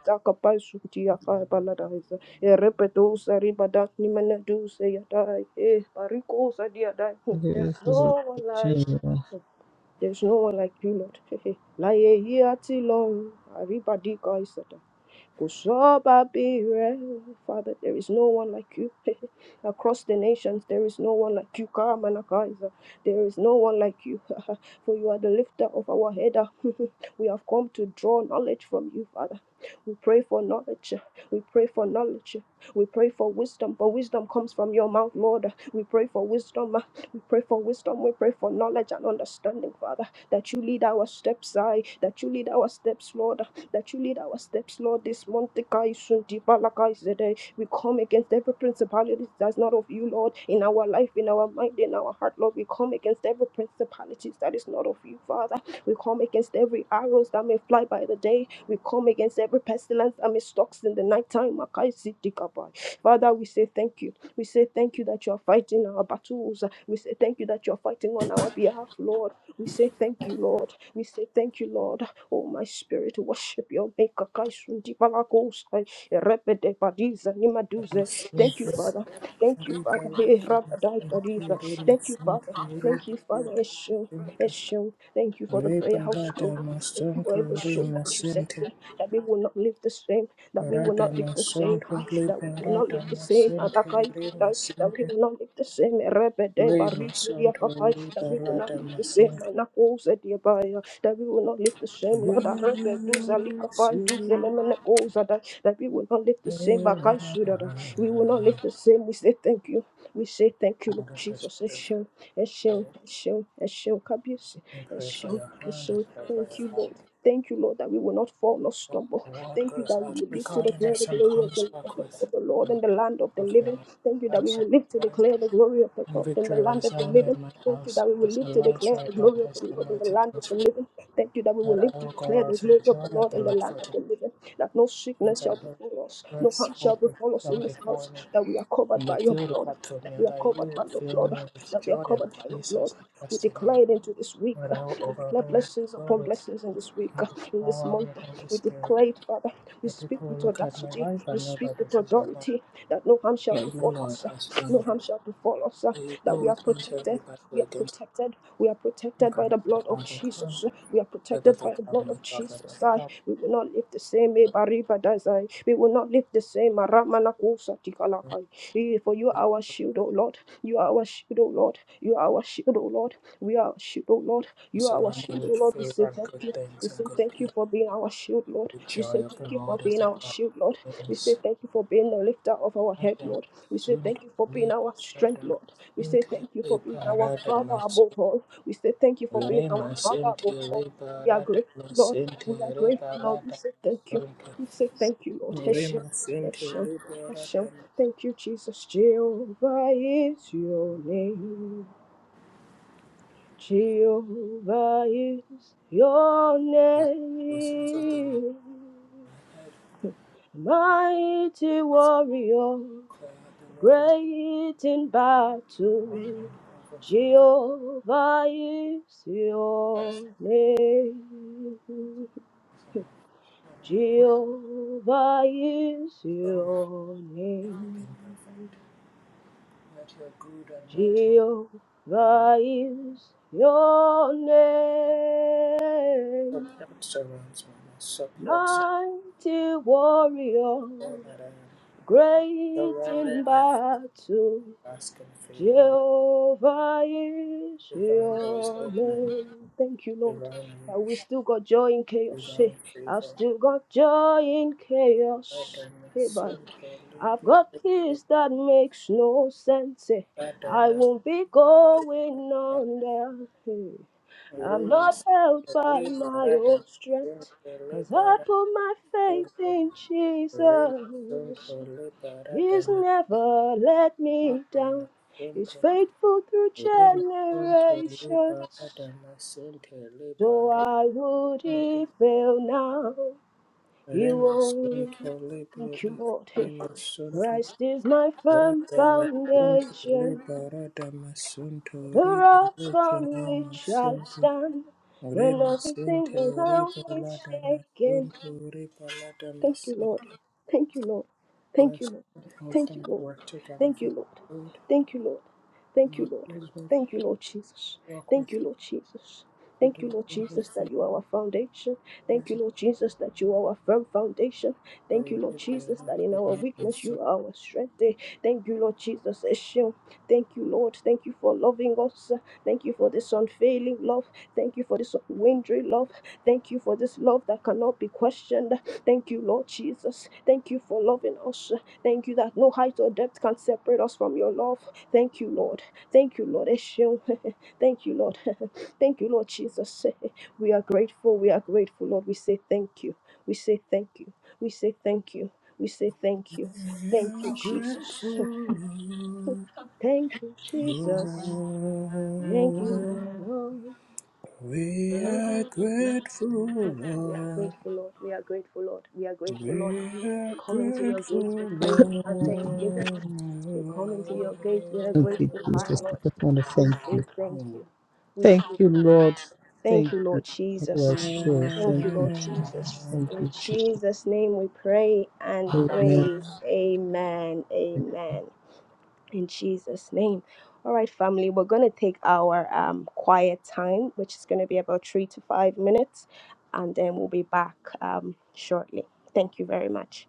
S1: Erepedosa ribadak nimana dusa yadai. Eh, barikosa diadai. Hmm, There's no one like. There's no one like you, Lord. Laye hiati long. Aribadika isata. Kusobabire. Father, there is no one like you. Across the nations, there is no one like you. Kamanakaiza. There is no one like you. For you are the lifter of our head. we have come to draw knowledge from you, Father. We pray for knowledge. We pray for knowledge. We pray for wisdom. For wisdom comes from your mouth, Lord. We pray for wisdom. We pray for wisdom. We pray for knowledge and understanding, Father. That you lead our steps, I. That you lead our steps, Lord that you lead our steps, Lord. This month, the guy soon deep, but like eh, we come against every principality that's not of you, Lord, in our life, in our mind, in our heart, Lord. We come against every principality that is not of you, Father. We come against every arrows that may fly by the day. We come against every pestilence that may stalks in the nighttime. Makai Sidikabai. Father, we say thank you. We say thank you that you are fighting our battles. We say thank you that you are fighting on our behalf, Lord. We say thank you, Lord. We say thank you, Lord. Oh, my spirit, worship your maker. Kaisun di palakos, eh, repede padiza, nimaduze. Thank you, Father. Thank you,
S2: Rica
S1: Father. Hey,
S2: yake masunto,
S1: rabadai padiza.
S2: riba
S1: Thank you, Father. Thank you, Father.
S2: sunto,
S1: Eshu, Eshu. Thank you for the
S2: riba
S1: prayer house
S2: lata
S1: glory. Thank you for
S2: masunto,
S1: every
S2: riba lata masunto,
S1: soul that you set here, that we will not live the same that we will not live the same, ah, that we will not live the same,
S2: masente,
S1: Anakai,
S2: rima
S1: that we
S2: sente,
S1: will not live the same, Erebede,
S2: rima
S1: Barizu, dear
S2: sunto,
S1: that we will not live the same,
S2: masente.
S1: Anakosa, dear that we will not live the same, Lord,
S2: Yes,
S1: Arebe, Dusa, Likapan, Dusa, Lemenekosa, that that we will not live the same,
S2: you
S1: Akai, Suda, that we will not live
S2: are.
S1: the same, we say thank you, we say thank you, Lord
S2: I'm gonna just
S1: Jesus,
S2: pray
S1: Eshem,
S2: for
S1: Eshem,
S2: you
S1: Eshem, Eshem, Kabisi,
S2: and pray for
S1: Eshem,
S2: your hand and
S1: Eshem,
S2: pray for
S1: thank
S2: your
S1: you, Lord.
S2: heart.
S1: Thank you, Lord, that we will not fall nor stumble.
S2: The world
S1: Thank you
S2: grows
S1: that we
S2: out
S1: will live to
S2: regarding her
S1: declare the
S2: son
S1: glory of
S2: comes
S1: the, of
S2: back
S1: the,
S2: with
S1: of the Lord
S2: him,
S1: in the land of the living.
S2: fulfilling
S1: Thank you that we
S2: shouts of
S1: will live to
S2: joy
S1: declare the glory of the
S2: and
S1: Lord in the
S2: victory
S1: land of the
S2: resound
S1: living.
S2: in my
S1: Thank you
S2: house,
S1: that we will
S2: because the
S1: live to
S2: Lord's
S1: declare the
S2: right hand
S1: glory of the
S2: has done
S1: Lord in the
S2: mighty
S1: land of
S2: things
S1: the
S2: for
S1: living. Thank you that we
S2: me.
S1: will
S2: That I
S1: live to
S2: will
S1: declare
S2: go
S1: the
S2: out in
S1: glory of
S2: joy
S1: the
S2: and
S1: Lord
S2: be
S1: in the
S2: led
S1: land of
S2: forth in
S1: the living. That no
S2: peace,
S1: sickness
S2: and the mountains and
S1: shall
S2: hills
S1: befall us,
S2: will
S1: no harm
S2: burst
S1: shall
S2: forth into
S1: befall us
S2: song
S1: in this
S2: before
S1: house.
S2: me,
S1: That we are covered
S2: and the
S1: by your
S2: field will
S1: blood.
S2: clap for
S1: That
S2: me,
S1: we
S2: and
S1: are
S2: that you
S1: covered by
S2: will
S1: your
S2: fill
S1: blood.
S2: me with
S1: That we are
S2: joy and
S1: covered by your
S2: peace
S1: blood.
S2: as I
S1: We
S2: trust in you.
S1: declare it into this week.
S2: That I will
S1: We declare blessings
S2: overflow
S1: upon
S2: with
S1: blessings in this week,
S2: by the
S1: in this
S2: power of
S1: month.
S2: your Holy
S1: We
S2: Spirit.
S1: declare it, Father. We
S2: That
S1: speak
S2: people
S1: with
S2: look at my
S1: audacity.
S2: life
S1: We
S2: and know
S1: speak
S2: that
S1: with
S2: this is your home.
S1: authority that no harm shall
S2: That you,
S1: befall
S2: Lord,
S1: us.
S2: has done
S1: No
S2: it.
S1: harm shall befall us.
S2: That you
S1: That
S2: go
S1: we are
S2: with me to
S1: protected.
S2: every battle
S1: We are
S2: against me.
S1: protected. We are protected by the
S2: Regardless of
S1: blood
S2: how
S1: of
S2: they come,
S1: Jesus. We are
S2: whether
S1: protected
S2: they
S1: by the blood
S2: come
S1: of
S2: with offers
S1: Jesus.
S2: of
S1: I,
S2: help,
S1: we will not live the same. eh, Bariba Dazai. We will not live the same. Maramanakusa Tikalakai. Eh, For you are
S2: and
S1: our shield, O Lord. You are our shield, O Lord. You are our shield, O Lord. We are our shield, oh Lord. You are our
S2: surround me
S1: shield, oh
S2: with
S1: Lord. We say
S2: favor and
S1: thank
S2: good
S1: you. We
S2: things and
S1: say
S2: good
S1: thank
S2: people.
S1: you for being our shield, Lord.
S2: The
S1: We say
S2: joy of the
S1: thank you for
S2: Lord is
S1: being
S2: the
S1: our
S2: blood
S1: shield, Lord.
S2: of my
S1: We say
S2: veins.
S1: thank you for being the lifter of our head,
S2: Adam
S1: Lord. We say
S2: soon
S1: thank
S2: to
S1: you for being
S2: labor,
S1: our strength,
S2: Adam
S1: Lord. We
S2: soon
S1: say
S2: to
S1: thank you for
S2: labor,
S1: being our
S2: Adam
S1: Father above
S2: soon
S1: all. We say thank you for being our
S2: Rema
S1: Father
S2: sente
S1: above all.
S2: reba
S1: We are
S2: rada
S1: grateful, Lord.
S2: masente
S1: We are
S2: reba
S1: grateful, Lord. We
S2: rada
S1: say thank you.
S2: masonto.
S1: We say thank you, Lord. Hashem,
S2: Rema Center
S1: Hashem,
S2: Libera
S1: Hashem.
S2: Demonstration
S1: Thank you, Jesus. Jehovah is your name. Jehovah is your
S2: Blessings of the Lord
S1: name.
S2: on my head.
S1: Mighty warrior,
S2: Declare the Lord is the
S1: great in
S2: Lord
S1: battle.
S2: and the overflow
S1: Jehovah is your name.
S2: is on my Christian has
S1: Jehovah is
S2: gone before me
S1: your name.
S2: everything perfect. Let your good and mighty hand
S1: Jehovah is your name.
S2: support surrounds me. My support surrounds
S1: Mighty warrior,
S2: all that I am.
S1: great
S2: Surrounded
S1: in
S2: by faith,
S1: battle,
S2: asking favor.
S1: Jehovah is
S2: Divine doors
S1: your
S2: opening,
S1: name. Thank you, Lord.
S2: divine
S1: Uh, we
S2: reach,
S1: still got joy in chaos. Hey,
S2: divine
S1: I've
S2: favor.
S1: still got joy in
S2: Let
S1: chaos.
S2: them
S1: Hey, bye.
S2: soon
S1: I've got peace that makes no sense. eh. I won't
S2: Remasunto
S1: be going under. Hey. I'm not held by my
S2: liberata
S1: own strength, 'cause I put my faith in Jesus. He's never let me down, He's faithful through generations. So I would he fail now, He won't. Thank you, Lord. Christ is my firm foundation.
S2: masunto
S1: The rock
S2: rebeleke
S1: on which I
S2: masunto
S1: stand when
S2: Rema
S1: everything
S2: sente
S1: around
S2: riba
S1: me is
S2: lada
S1: shaking.
S2: masunto riba lada
S1: Thank you,
S2: masente
S1: Lord. Thank you, Lord. Thank you,
S2: bless
S1: Lord.
S2: all
S1: Thank you,
S2: things
S1: Lord.
S2: work together
S1: Thank you,
S2: for
S1: Lord.
S2: good.
S1: Thank you, Lord. Thank you,
S2: Not
S1: Lord.
S2: his
S1: Thank you,
S2: repay
S1: Lord Jesus.
S2: walk
S1: Thank
S2: with
S1: you, Lord Jesus.
S2: the
S1: Thank you, Lord
S2: dwelling his
S1: Jesus, that
S2: faith
S1: you are our foundation. Thank you,
S2: present
S1: Lord Jesus, that you are our firm foundation.
S2: so
S1: Thank you, Lord
S2: it
S1: Jesus,
S2: will
S1: that in our
S2: remain
S1: weakness
S2: so
S1: you are our strength. Eh, Thank you, Lord Jesus. Eshion. Thank you, Lord. Thank you for loving us. Thank you for this unfailing love. Thank you for this unwavering love. Thank you for this love that cannot be questioned. Thank you, Lord Jesus. Thank you for loving us. Thank you that no height or depth can separate us from your love. Thank you, Lord. Thank you, Lord. Esheun. Thank you, Lord. Thank you, Lord Jesus. We are grateful. We are grateful, Lord. We say thank you. We say thank you. We say thank you. We say thank you.
S2: we
S1: Thank you,
S2: are
S1: Jesus.
S2: grateful
S1: Thank you, Jesus. Thank you,
S2: Lord.
S1: my Lord.
S2: Oh, we
S1: Lord,
S2: are
S1: my
S2: grateful
S1: soul. We are
S2: Lord
S1: grateful, Lord. We are grateful, Lord. We are grateful, Lord.
S2: We
S1: We
S2: are
S1: come into your gates with
S2: grateful,
S1: praise
S2: Lord.
S1: and thanksgiving. We come into your gates with a
S3: Thank you,
S1: grateful heart,
S3: Jesus. I
S1: Lord.
S3: just want to
S1: We
S3: thank
S1: say
S3: you.
S1: thank you. We say
S3: Thank you,
S1: thank you.
S3: Lord.
S1: Thank
S3: Thank
S1: you,
S3: you.
S1: Lord
S3: How do
S1: Jesus.
S3: I share?
S1: Thank
S3: Thank
S1: you,
S3: you,
S1: Lord
S3: Jesus.
S1: Jesus.
S3: Thank
S1: In
S3: you, Jesus.
S1: Jesus' name we pray and
S3: Amen.
S1: praise. Amen. Amen in Jesus' name. All right, family, we're going to take our um, quiet time, which is going to be about three to five minutes, and then we'll be back um, shortly. Thank you very much.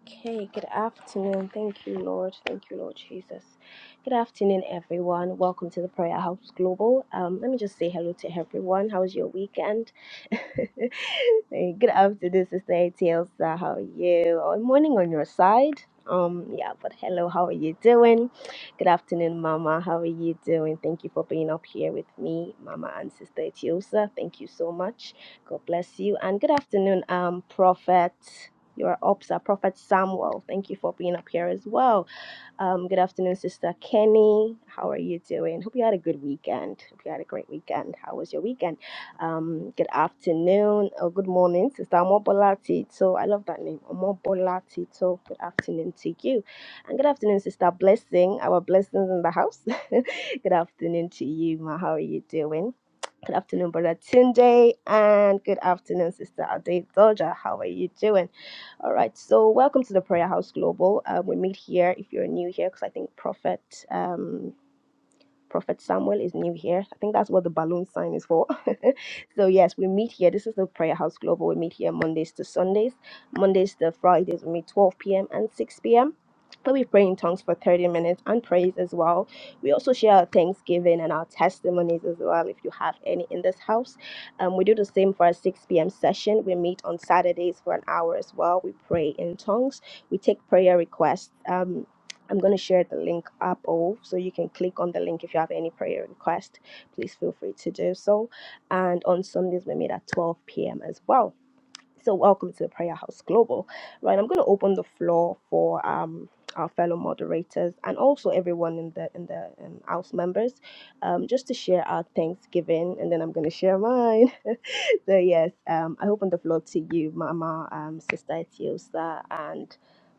S1: Okay, good afternoon. Thank you, Lord. Thank you, Lord Jesus. Good afternoon, everyone. Welcome to the Prayer House Global. Um, let me just say hello to everyone. How was your weekend? Hey, good afternoon, Sister Etielsa. How are you? Or morning on your side. Um, yeah, but hello, how are you doing? Good afternoon, Mama. How are you doing? Thank you for being up here with me, Mama and Sister Etiosa. Thank you so much. God bless you. And good afternoon, um, Prophet. You're up, sir. Prophet Samuel, thank you for being up here as well. Um, good afternoon, Sister Kenny. How are you doing? Hope you had a good weekend. Hope you had a great weekend. How was your weekend? Um, good afternoon or good morning, Sister Omobola Tito. I love that name, Omobola Tito. Good afternoon to you, and good afternoon, Sister Blessing. Our blessings in the house. good afternoon to you, Ma. How are you doing? Good afternoon, Brother Tunde, and good afternoon, Sister Ade Doja. How are you doing? All right, so welcome to the Prayer House Global. Uh, we meet here if you're new here, because I think Prophet. Um, Prophet Samuel is new here. I think that's what the balloon sign is for. so, yes, we meet here. This is the Prayer House Global. We meet here Mondays to Sundays. Mondays to Fridays, we meet 12 p.m. and 6 p.m. But we pray in tongues for 30 minutes and praise as well. We also share our thanksgiving and our testimonies as well, if you have any in this house. Um, we do the same for our 6 p.m. session. We meet on Saturdays for an hour as well. We pray in tongues. We take prayer requests. Um, I'm going to share the link up all so you can click on the link if you have any prayer request. Please feel free to do so. And on Sundays, we meet at 12 p.m. as well. So, welcome to the Prayer House Global. Right, I'm going to open the floor for um, our fellow moderators and also everyone in the in the um, house members, um, just to share our Thanksgiving, and then I'm going to share mine. so, yes, um, I open the floor to you, Mama, um, Sister Etiosa, and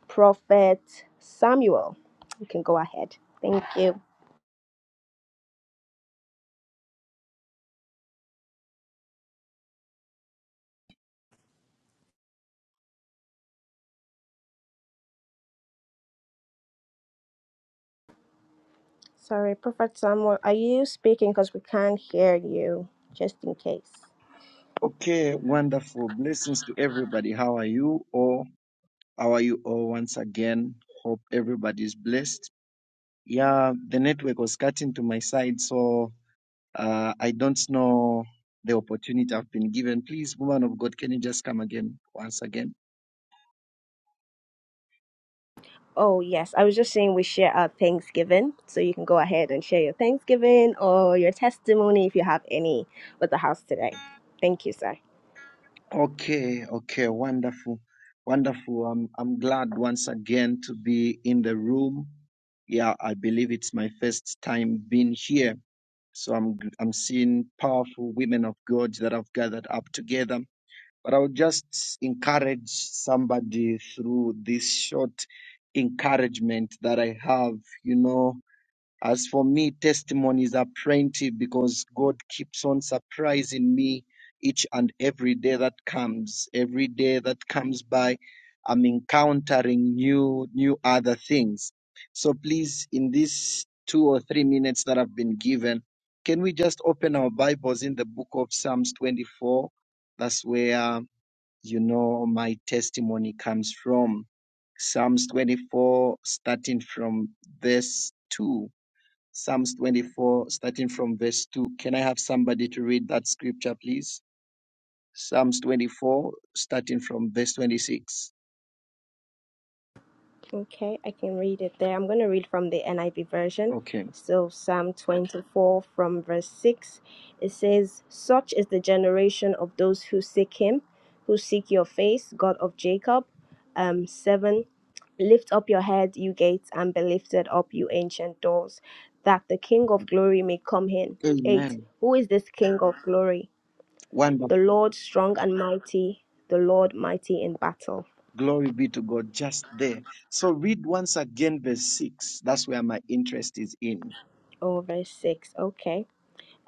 S1: Prophet Samuel. You can go ahead. Thank you. Sorry, Prophet Samuel, are you speaking? Because we can't hear you. Just in case.
S4: Okay, wonderful. Blessings to everybody. How are you all? How are you all once again? Hope everybody's blessed. Yeah, the network was cutting to my side, so uh, I don't know the opportunity I've been given. Please, woman of God, can you just come again once again?
S1: Oh, yes. I was just saying we share our Thanksgiving. So you can go ahead and share your Thanksgiving or your testimony if you have any with the house today. Thank you, sir.
S4: Okay, okay, wonderful. Wonderful. I'm I'm glad once again to be in the room. Yeah, I believe it's my first time being here So I'm I'm seeing powerful women of God that have gathered up together. But I would just encourage somebody through this short encouragement that I have. You know, as for me, testimonies are plenty because God keeps on surprising me each and every day that comes. Every day that comes by, I'm encountering new, new other things. So please, in these two or three minutes that I've been given, can we just open our Bibles in the book of Psalms 24? That's where, you know, my testimony comes from. Psalms 24, starting from verse 2 Psalms 24, starting from verse 2. Can I have somebody to read that scripture, please? Psalms 24, starting from verse 26.
S1: Okay, I can read it there. I'm going to read from the NIV version.
S4: Okay.
S1: So, Psalm 24 from verse 6, it says, Such is the generation of those who seek him, who seek your face, God of Jacob. Um, 7, Lift up your head, you gates, and be lifted up, you ancient doors, that the King of glory may come in. 8,
S4: Amen.
S1: Who is this King of glory?
S4: Wonderful.
S1: The Lord strong and mighty, the Lord mighty in battle.
S4: Glory be to God just there. So read once again verse 6. That's where my interest is in.
S1: Oh, verse 6. Okay.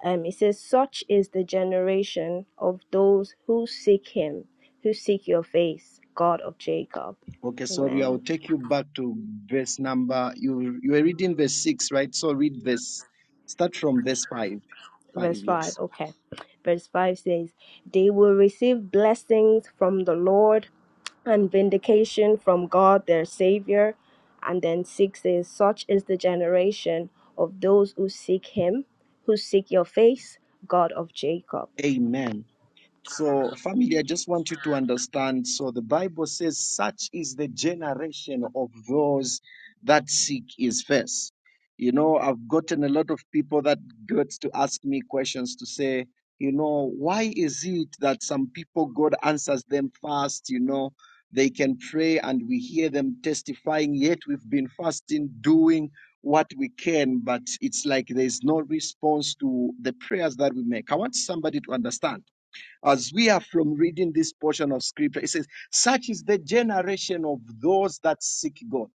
S1: Um, it says, Such is the generation of those who seek him, who seek your face, God of Jacob.
S4: Okay, sorry, I'll
S1: Amen.
S4: take you back to verse number. You you were reading verse 6, right? So read verse. Start from verse 5. 5,
S1: Verse 5.
S4: yes.
S1: Okay. Verse 5 says, They will receive blessings from the Lord and vindication from God their Savior. And then 6 says, Such is the generation of those who seek him, who seek your face, God of Jacob.
S4: Amen. So, family, I just want you to understand. So, the Bible says, such is the generation of those that seek his face. You know, I've gotten a lot of people that get to ask me questions to say, you know, why is it that some people God answers them fast? You know, they can pray and we hear them testifying, yet we've been fasting, doing what we can, but it's like there's no response to the prayers that we make. I want somebody to understand as we are from reading this portion of scripture, it says, Such is the generation of those that seek God.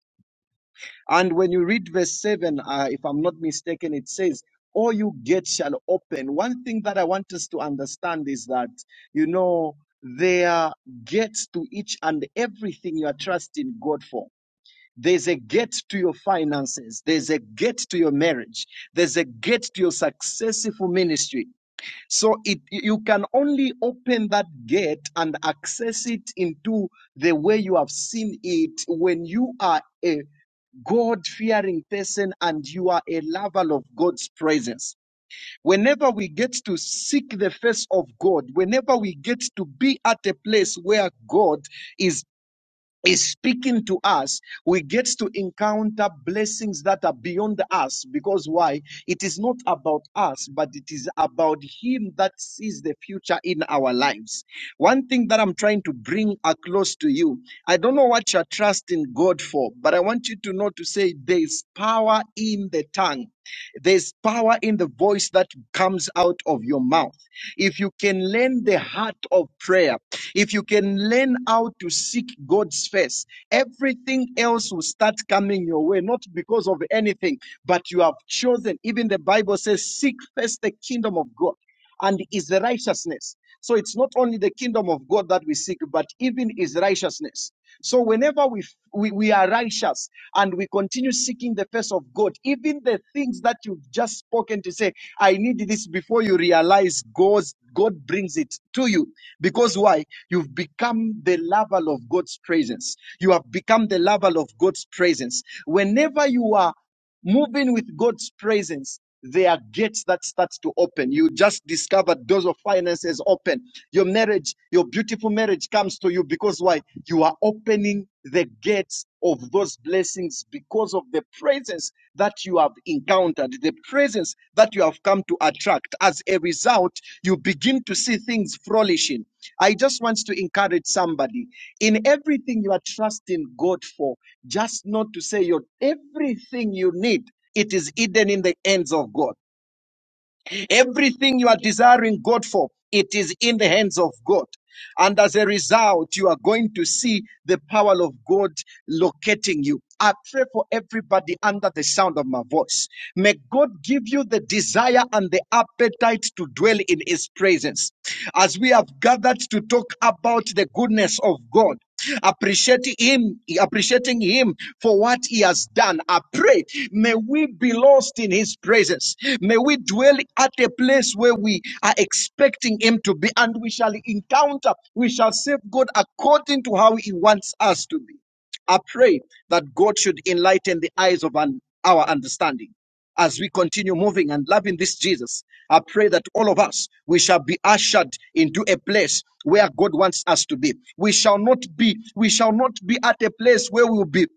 S4: And when you read verse 7, uh, if I'm not mistaken, it says, All you get shall open. One thing that I want us to understand is that, you know, there gets to each and everything you are trusting God for. There's a gate to your finances. There's a gate to your marriage. There's a gate to your successful ministry. So it you can only open that gate and access it into the way you have seen it when you are a God fearing person and you are a lover of God's presence. Whenever we get to seek the face of God, whenever we get to be at a place where God is is speaking to us, we get to encounter blessings that are beyond us. Because why? It is not about us, but it is about Him that sees the future in our lives. One thing that I'm trying to bring across to you I don't know what you're trusting God for, but I want you to know to say there is power in the tongue. There's power in the voice that comes out of your mouth. If you can learn the heart of prayer, if you can learn how to seek God's face, everything else will start coming your way, not because of anything, but you have chosen. Even the Bible says, Seek first the kingdom of God and his righteousness. So it's not only the kingdom of God that we seek, but even his righteousness. So whenever we, we we are righteous and we continue seeking the face of God, even the things that you've just spoken to say, I need this before you realize God's God brings it to you. Because why? You've become the level of God's presence. You have become the level of God's presence. Whenever you are Moving with God's presence, there are gates that start to open. You just discovered doors of finances open. Your marriage, your beautiful marriage comes to you because why? You are opening the gates of those blessings because of the presence that you have encountered, the presence that you have come to attract. As a result, you begin to see things flourishing. I just want to encourage somebody in everything you are trusting God for just not to say your everything you need it is hidden in the hands of god everything you are desiring god for it is in the hands of god and as a result you are going to see the power of god locating you i pray for everybody under the sound of my voice may god give you the desire and the appetite to dwell in his presence as we have gathered to talk about the goodness of god appreciating him, appreciating him for what he has done. I pray, may we be lost in his presence. May we dwell at a place where we are expecting him to be, and we shall encounter, we shall serve God according to how he wants us to be. I pray that God should enlighten the eyes of un- our understanding. As we continue moving and loving this Jesus, I pray that all of us, we shall be ushered into a place where God wants us to be. We shall not be, we shall not be at a place where we will be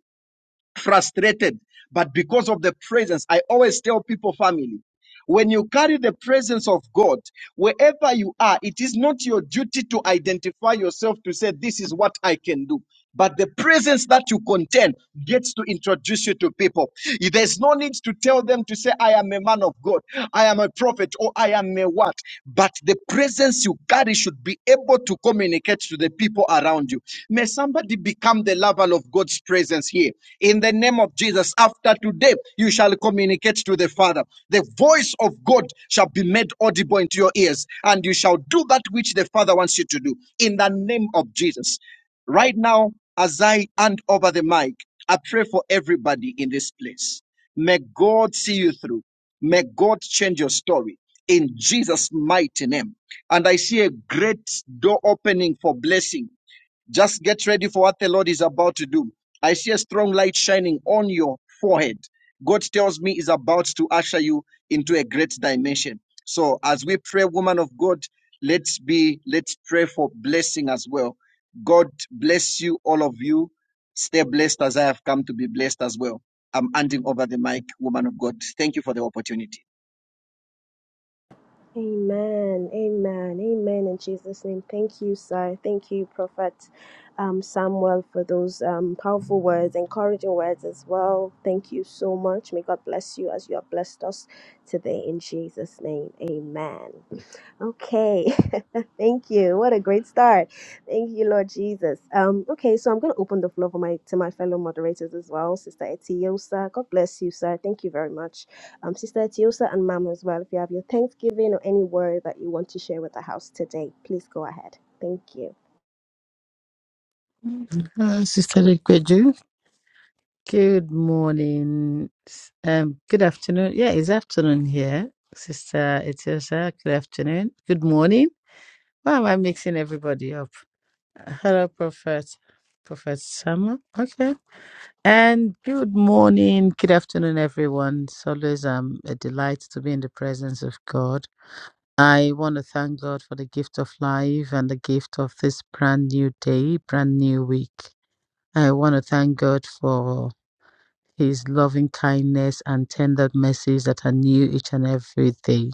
S4: frustrated, but because of the presence, I always tell people, family, when you carry the presence of God, wherever you are, it is not your duty to identify yourself to say, This is what I can do. But the presence that you contain gets to introduce you to people. There's no need to tell them to say, I am a man of God, I am a prophet, or I am a what. But the presence once you carry should be able to communicate to the people around you. May somebody become the level of God's presence here. In the name of Jesus, after today, you shall communicate to the Father. The voice of God shall be made audible into your ears, and you shall do that which the Father wants you to do. In the name of Jesus. Right now, as I hand over the mic, I pray for everybody in this place. May God see you through. May God change your story in Jesus' mighty name and I see a great door opening for blessing. Just get ready for what the Lord is about to do. I see a strong light shining on your forehead. God tells me is about to usher you into a great dimension. So as we pray, woman of God, let's be, let's pray for blessing as well. God bless you, all of you. Stay blessed as I have come to be blessed as well. I'm handing over the mic, woman of God. Thank you for the opportunity.
S1: Amen, amen, amen. In Jesus' name, thank you, sir. Thank you, Prophet um, Samuel, for those um, powerful words, encouraging words as well. Thank you so much. May God bless you as you have blessed us today. In Jesus' name, amen. Okay. Thank you. What a great start. Thank you, Lord Jesus. Um, okay, so I'm going to open the floor for my to my fellow moderators as well. Sister Etiosa, God bless you, sir. Thank you very much. Um, Sister Etiosa and Mama as well. If you have your Thanksgiving or any word that you want to share with the house today, please go ahead. Thank you.
S3: Uh, Sister Likweju, good morning. S- Um, good afternoon. Yeah, it's afternoon here. Sister Etiosa, good afternoon. Good morning. Why am I mixing everybody up? Hello, Prophet. Prophet Samuel. Okay. And good morning, good afternoon, everyone. It's always um, a delight to be in the presence of God. I want to thank God for the gift of life and the gift of this brand new day, brand new week. I want to thank God for His loving kindness and tender mercies that are new each and every day.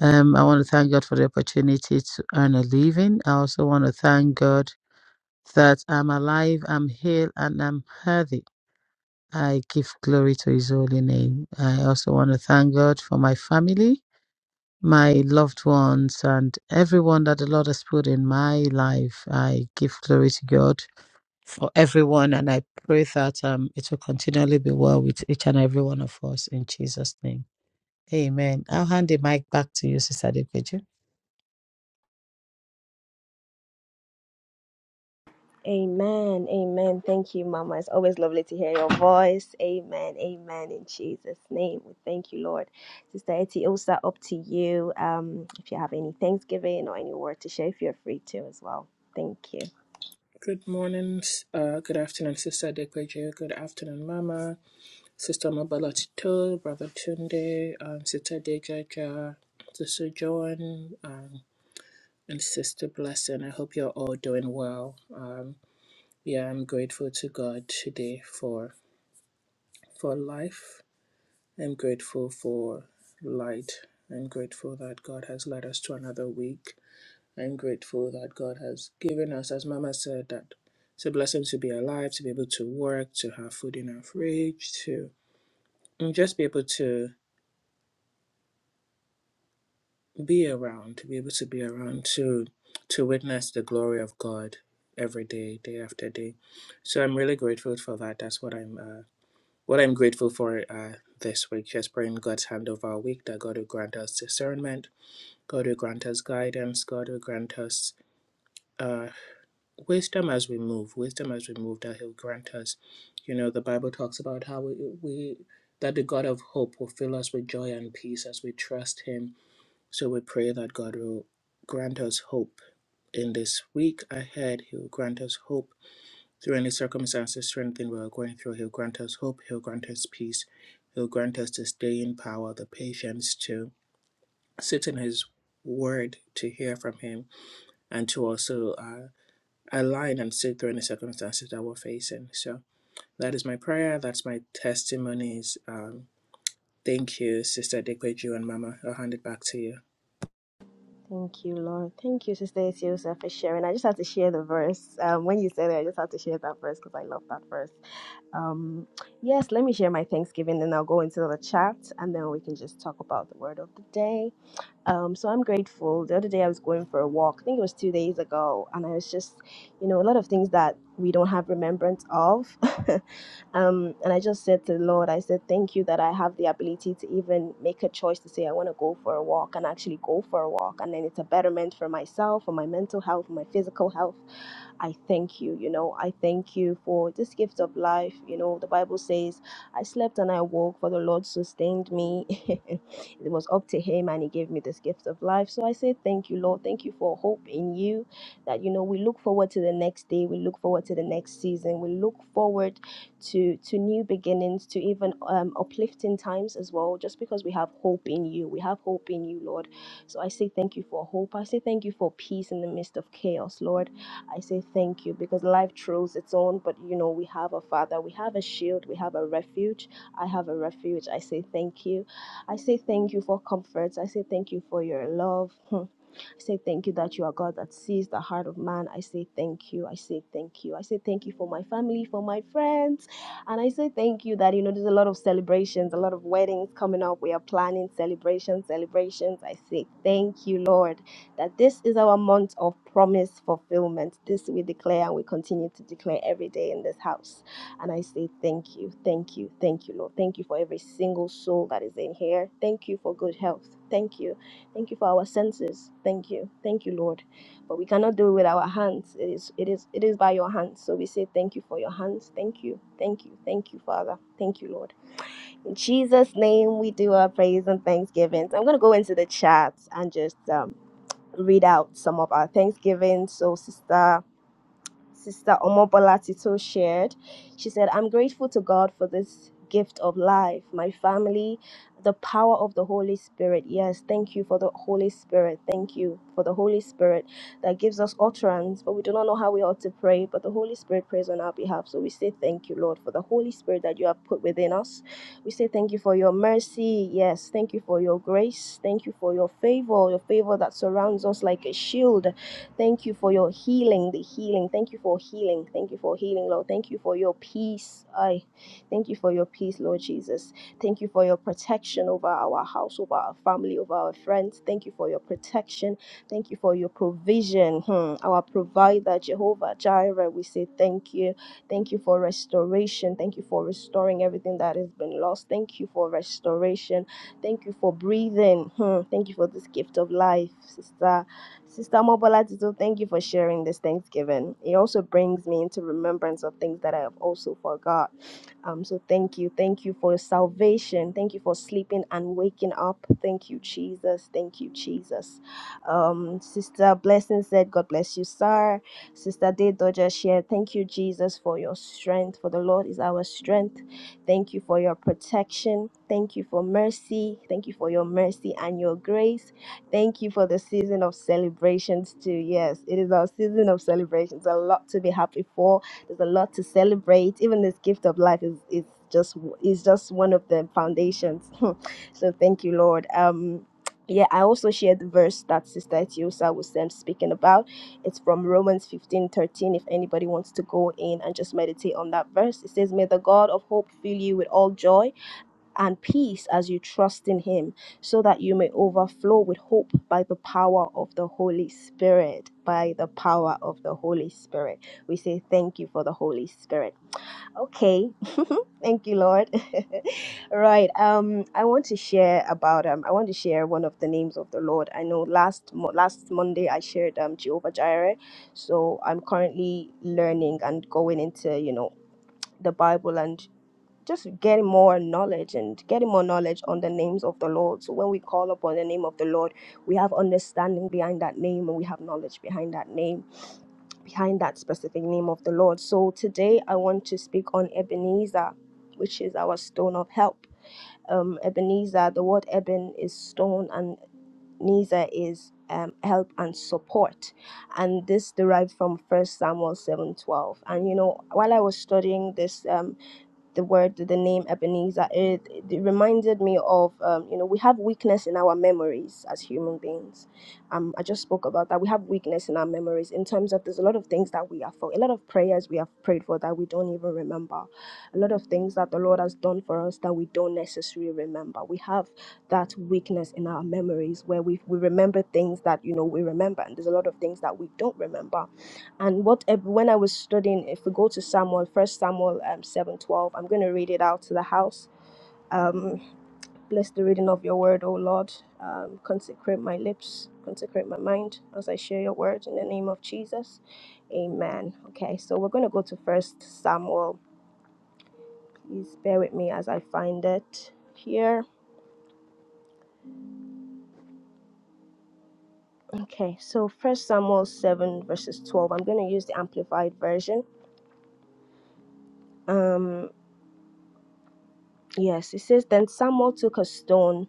S3: Um, I want to thank God for the opportunity to earn a living. I also want to thank God that I'm alive, I'm healed, and I'm healthy. I give glory to His holy name. I also want to thank God for my family, my loved ones, and everyone that the Lord has put in my life. I give glory to God for everyone, and I pray that um, it will continually be well with each and every one of us in Jesus' name. Amen. I'll hand the mic back to you, Sister Depeju.
S1: Amen. Amen. Thank you, Mama. It's always lovely to hear your voice. Amen. Amen. In Jesus' name. We thank you, Lord. Sister Etty, up to you. Um, if you have any Thanksgiving or any word to share, if you're free to as well. Thank you.
S2: Good morning, uh, good afternoon, Sister Dekweju. Good afternoon, Mama, Sister Mabalatito, Brother Tunde, um, Sister Dejaja, Sister Joan, um, and Sister Blessing. I hope you're all doing well. Um, yeah, I'm grateful to God today for for life I'm grateful for light. I'm grateful that God has led us to another week. I'm grateful that God has given us, as Mama said, that it's a blessing to be alive, to be able to work, to have food in our fridge, to just be able to be around, to be able to be around, to to witness the glory of God every day, day after day. So I'm really grateful for that. That's what I'm uh, what I'm grateful for uh, this week. Just praying God's hand over our week that God will grant us discernment God will grant us guidance. God will grant us uh, wisdom as we move. Wisdom as we move that He'll grant us. You know, the Bible talks about how we, we that the God of hope will fill us with joy and peace as we trust Him. So we pray that God will grant us hope in this week ahead. He will grant us hope through any circumstances, through anything we are going through. He'll grant us hope. He'll grant us peace. He'll grant us to stay in power, the patience to sit in His word, to hear from Him and to also uh, align and sit through any circumstances that we're facing. So that is my prayer. That's my testimonies. Um, thank you, Sister Dekweju and Mama. I'll hand it back to you.
S1: Thank you, Lord. Thank you, Sister Etiosa, for sharing. I just had to share the verse. Um, when you said it, I just had to share that verse because I love that verse. Um, yes, let me share my Thanksgiving, then I'll go into the chat, and then we can just talk about the word of the day Um, so I'm grateful. The other day I was going for a walk. I think it was two days ago, and I was just, you know, a lot of things that we don't have remembrance of. um, and I just said to the Lord, I said, thank you that I have the ability to even make a choice to say I want to go for a walk and actually go for a walk, and then it's a betterment for myself, for my mental health, for my physical health. I thank you, you know, I thank you for this gift of life. You know, the Bible says, I slept and I woke, for the Lord sustained me. It was up to Him and He gave me this gift of life. So I say thank you, Lord. Thank you for hope in you. That, you know, we look forward to the next day. We look forward to the next season. We look forward to, to new beginnings, to even um, uplifting times as well, just because we have hope in you. We have hope in you, Lord. So I say thank you for hope. I say thank you for peace in the midst of chaos, Lord. I say thank you because life throws its own, but you know, we have a Father, we have a shield, we have a refuge. I have a refuge. I say thank you. I say thank you for comforts. I say thank you for your love. Hmm. I say thank you that you are God that sees the heart of man. I say thank you. I say thank you. I say thank you for my family, for my friends. And I say thank you that, you know, there's a lot of celebrations, a lot of weddings coming up. We are planning celebrations, celebrations. I say thank you, Lord, that this is our month of promise fulfillment. This we declare and we continue to declare every day in this house. And I say thank you, thank you, thank you, Lord. Thank you for every single soul that is in here. Thank you for good health. Thank you. Thank you for our senses. Thank you. Thank you, Lord. But we cannot do it with our hands. It is it is it is by your hands. So we say thank you for your hands. Thank you. Thank you. Thank you, Father. Thank you, Lord. In Jesus' name we do our praise and thanksgivings. I'm gonna go into the chat and just um read out some of our thanksgivings. So sister Sister Omobola Tito shared. She said, I'm grateful to God for this gift of life, my family, the power of the Holy Spirit. Yes, thank you for the Holy Spirit. Thank you for the Holy Spirit that gives us utterance, but we do not know how we ought to pray, but the Holy Spirit prays on our behalf. So we say thank you, Lord, for the Holy Spirit that you have put within us. We say thank you for your mercy. Yes, thank you for your grace. Thank you for your favor, your favor that surrounds us like a shield. Thank you for your healing, the healing. Thank you for healing. Thank you for healing, Lord. Thank you for your peace. I thank you for your peace, Lord Jesus. Thank you for your protection over our house, over our family, over our friends. Thank you for your protection. Thank you for your provision. Hmm. Our provider, Jehovah Jireh, we say thank you. Thank you for restoration. Thank you for restoring everything that has been lost. Thank you for restoration. Thank you for breathing. Hmm. Thank you for this gift of life, sister. Sister Mobola Tito, thank you for sharing this Thanksgiving. It also brings me into remembrance of things that I have also forgot. Um, so thank you. Thank you for your salvation. Thank you for sleeping and waking up. Thank you, Jesus. Thank you, Jesus. Um, Sister Blessing said, God bless you, sir. Sister Day Dodger shared, thank you, Jesus, for your strength. For the Lord is our strength. Thank you for your protection. Thank you for mercy. Thank you for your mercy and your grace. Thank you for the season of celebrations too. Yes, it is our season of celebrations. A lot to be happy for. There's a lot to celebrate. Even this gift of life is is just is just one of the foundations. so thank you, Lord. Um yeah, I also shared the verse that Sister Etiosa was um, speaking about. It's from Romans 15:13. If anybody wants to go in and just meditate on that verse, it says, May the God of hope fill you with all joy and peace as you trust in Him, so that you may overflow with hope by the power of the Holy Spirit. By the power of the Holy Spirit. We say thank you for the Holy Spirit. Okay, thank you, Lord. right. Um, I want to share about um, I want to share one of the names of the Lord. I know last mo- last Monday I shared um Jehovah Jireh, so I'm currently learning and going into you know the Bible and just getting more knowledge and getting more knowledge on the names of the Lord. So when we call upon the name of the Lord, we have understanding behind that name and we have knowledge behind that name, behind that specific name of the Lord. So today I want to speak on Ebenezer, which is our stone of help. Um, Ebenezer, the word Eben is stone and Nezer is um, help and support. And this derived from First Samuel 7.12. And you know, while I was studying this, um, the word, the name Ebenezer, it, it reminded me of, um, you know, we have weakness in our memories as human beings. Um, I just spoke about that. We have weakness in our memories in terms of there's a lot of things that we have for, a lot of prayers we have prayed for that we don't even remember, a lot of things that the Lord has done for us that we don't necessarily remember. We have that weakness in our memories where we, we remember things that, you know, we remember, and there's a lot of things that we don't remember and what if- when I was studying, if we go to Samuel, First Samuel um, seven twelve, I'm going to read it out to the house. Um, bless the reading of your word, O Lord. Um, consecrate my lips, consecrate my mind as I share your word in the name of Jesus. Amen. Okay, so we're going to go to First Samuel. Please bear with me as I find it here. Okay, so First Samuel seven verses twelve. I'm going to use the amplified version. Um, yes, it says then Samuel took a stone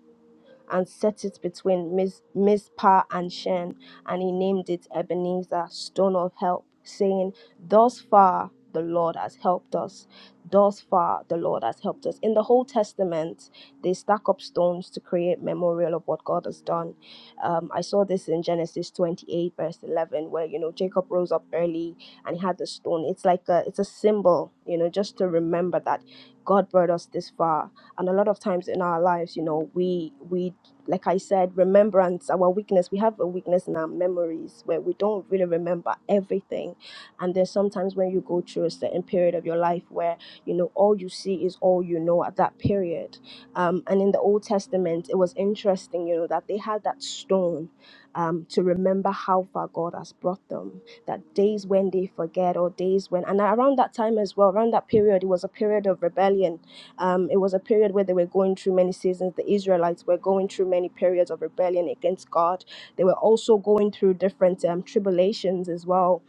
S1: and set it between Miz, Mizpah and Shen, and he named it Ebenezer, stone of help, saying, Thus far the Lord has helped us. Thus far the Lord has helped us. In the whole Testament, they stack up stones to create memorial of what God has done. Um, I saw this in Genesis 28, verse 11, where, you know, Jacob rose up early and he had the stone. It's like a, it's a symbol, you know, just to remember that God brought us this far and a lot of times in our lives you know we we like I said, remembrance, our weakness. We have a weakness in our memories where we don't really remember everything. And there's sometimes when you go through a certain period of your life where, you know, all you see is all you know at that period. Um, and in the Old Testament, it was interesting, you know, that they had that stone um, to remember how far God has brought them, that days when they forget or days when, and around that time as well, around that period, it was a period of rebellion um, it was a period where they were going through many seasons. The Israelites were going through many periods of rebellion against God. They were also going through different um, tribulations as well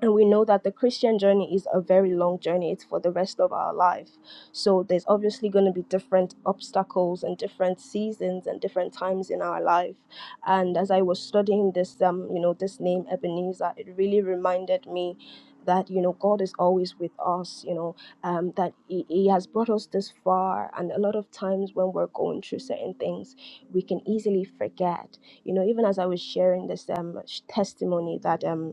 S1: and we know that the Christian journey is a very long journey. It's for the rest of our life. So there's obviously going to be different obstacles and different seasons and different times in our life. And as I was studying this, um, you know, this name Ebenezer, it really reminded me that you know God is always with us. You know, um, that he, he has brought us this far. And a lot of times when we're going through certain things, we can easily forget. You know, even as I was sharing this um sh- testimony that um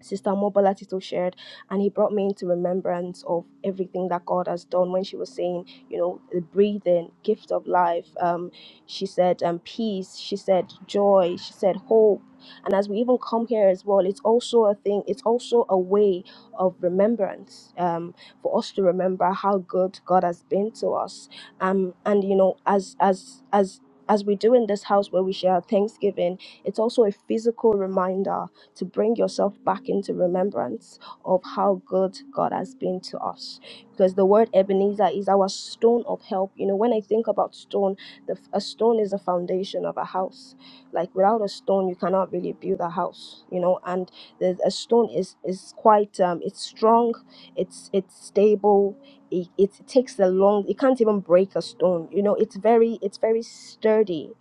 S1: Sister Mobola Tito shared, and he brought me into remembrance of everything that God has done when she was saying, you know, the breathing, gift of life. Um, she said, um, peace. She said, joy. She said, hope. And as we even come here as well, it's also a thing, it's also a way of remembrance um, for us to remember how good God has been to us. Um, and, you know, as, as, as, as we do in this house where we share our Thanksgiving, it's also a physical reminder to bring yourself back into remembrance of how good God has been to us. Because the word Ebenezer is our stone of help. You know, when I think about stone, the, a stone is the foundation of a house. Like without a stone, you cannot really build a house. You know, and the, a stone is is quite um, it's strong, it's it's stable. It, it takes a long. It can't even break a stone. You know, it's very it's very sturdy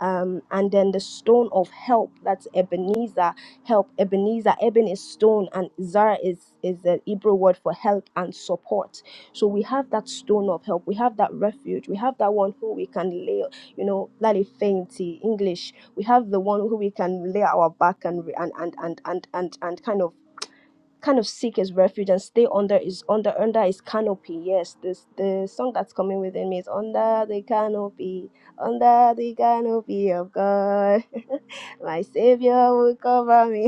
S1: um, and then the stone of help that's Ebenezer help. Ebenezer, Eben is stone, and Zara is is the Hebrew word for help and support. So we have that stone of help. We have that refuge. We have that one who we can lay, you know, lali fainty English. We have the one who we can lay our back and and and and and and, and kind of kind of seek his refuge and stay under his under under his canopy yes this the song that's coming within me is under the canopy under the canopy of god my savior will cover me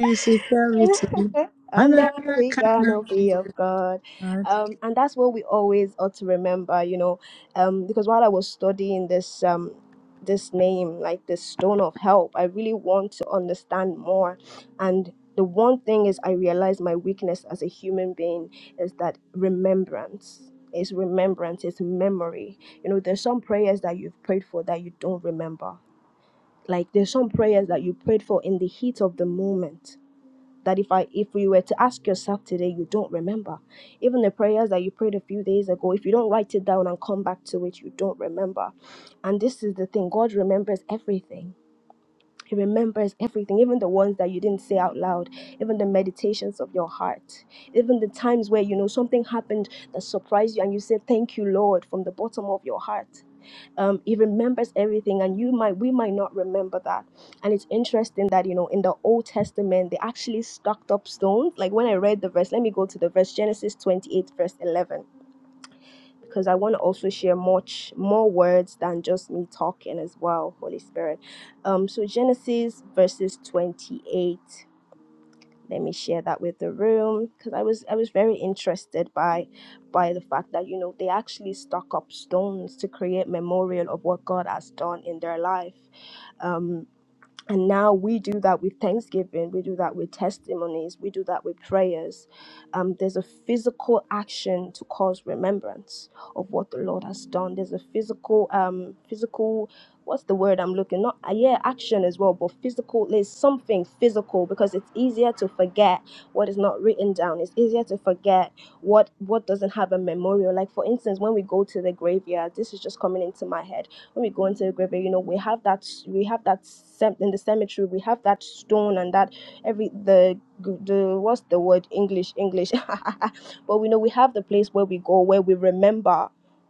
S3: Sincerity. and I
S1: under the
S3: can
S1: canopy of God. Um, and that's what we always ought to remember, you know, um, because while I was studying this um, this name, like this stone of help, I really want to understand more. And the one thing is, I realized my weakness as a human being is that remembrance. Is remembrance, is memory. You know, there's some prayers that you've prayed for that you don't remember. Like there's some prayers that you prayed for in the heat of the moment that if I if you were to ask yourself today, you don't remember. Even the prayers that you prayed a few days ago, if you don't write it down and come back to it, you don't remember. And this is the thing, God remembers everything. He remembers everything, even the ones that you didn't say out loud, even the meditations of your heart, even the times where you know something happened that surprised you and you said, Thank you, Lord, from the bottom of your heart um, he remembers everything and you might we might not remember that and it's interesting that you know in the old testament they actually stacked up stones like when i read the verse let me go to the verse genesis 28 verse 11 because i want to also share much more words than just me talking as well holy spirit um so genesis verses 28 let me share that with the room because I was I was very interested by by the fact that you know they actually stock up stones to create memorial of what God has done in their life. Um, and now we do that with thanksgiving, we do that with testimonies, we do that with prayers. Um, there's a physical action to cause remembrance of what the Lord has done. There's a physical, um, physical, what's the word I'm looking? Not uh, yeah, action as well, but physical. There's something physical because it's easier to forget what is not written down. It's easier to forget what what doesn't have a memorial. Like for instance, when we go to the graveyard, this is just coming into my head when we go into the grave you know we have that we have that sem- in the cemetery we have that stone and that every the the what's the word english english but we know we have the place where we go where we remember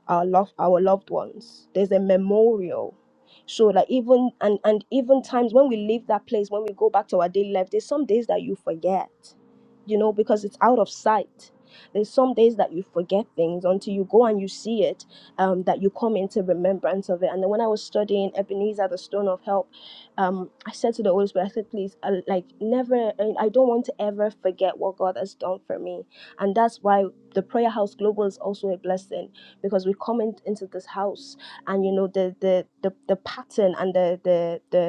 S1: our love our loved ones there's a memorial so like even and and even times when we leave that place when we go back to our daily life there's some days that you forget you know because it's out of sight there's some days that you forget things until you go and you see it um, that you come into remembrance of it. And then when I was studying Ebenezer, the Stone of Help, um, I said to the Holy Spirit, I said, please, I, like, never, uh, I don't want to ever forget what God has done for me. And that's why the Prayer House Global is also a blessing because we come in, into this house and, you know, the, the, the, the pattern and the, the, the,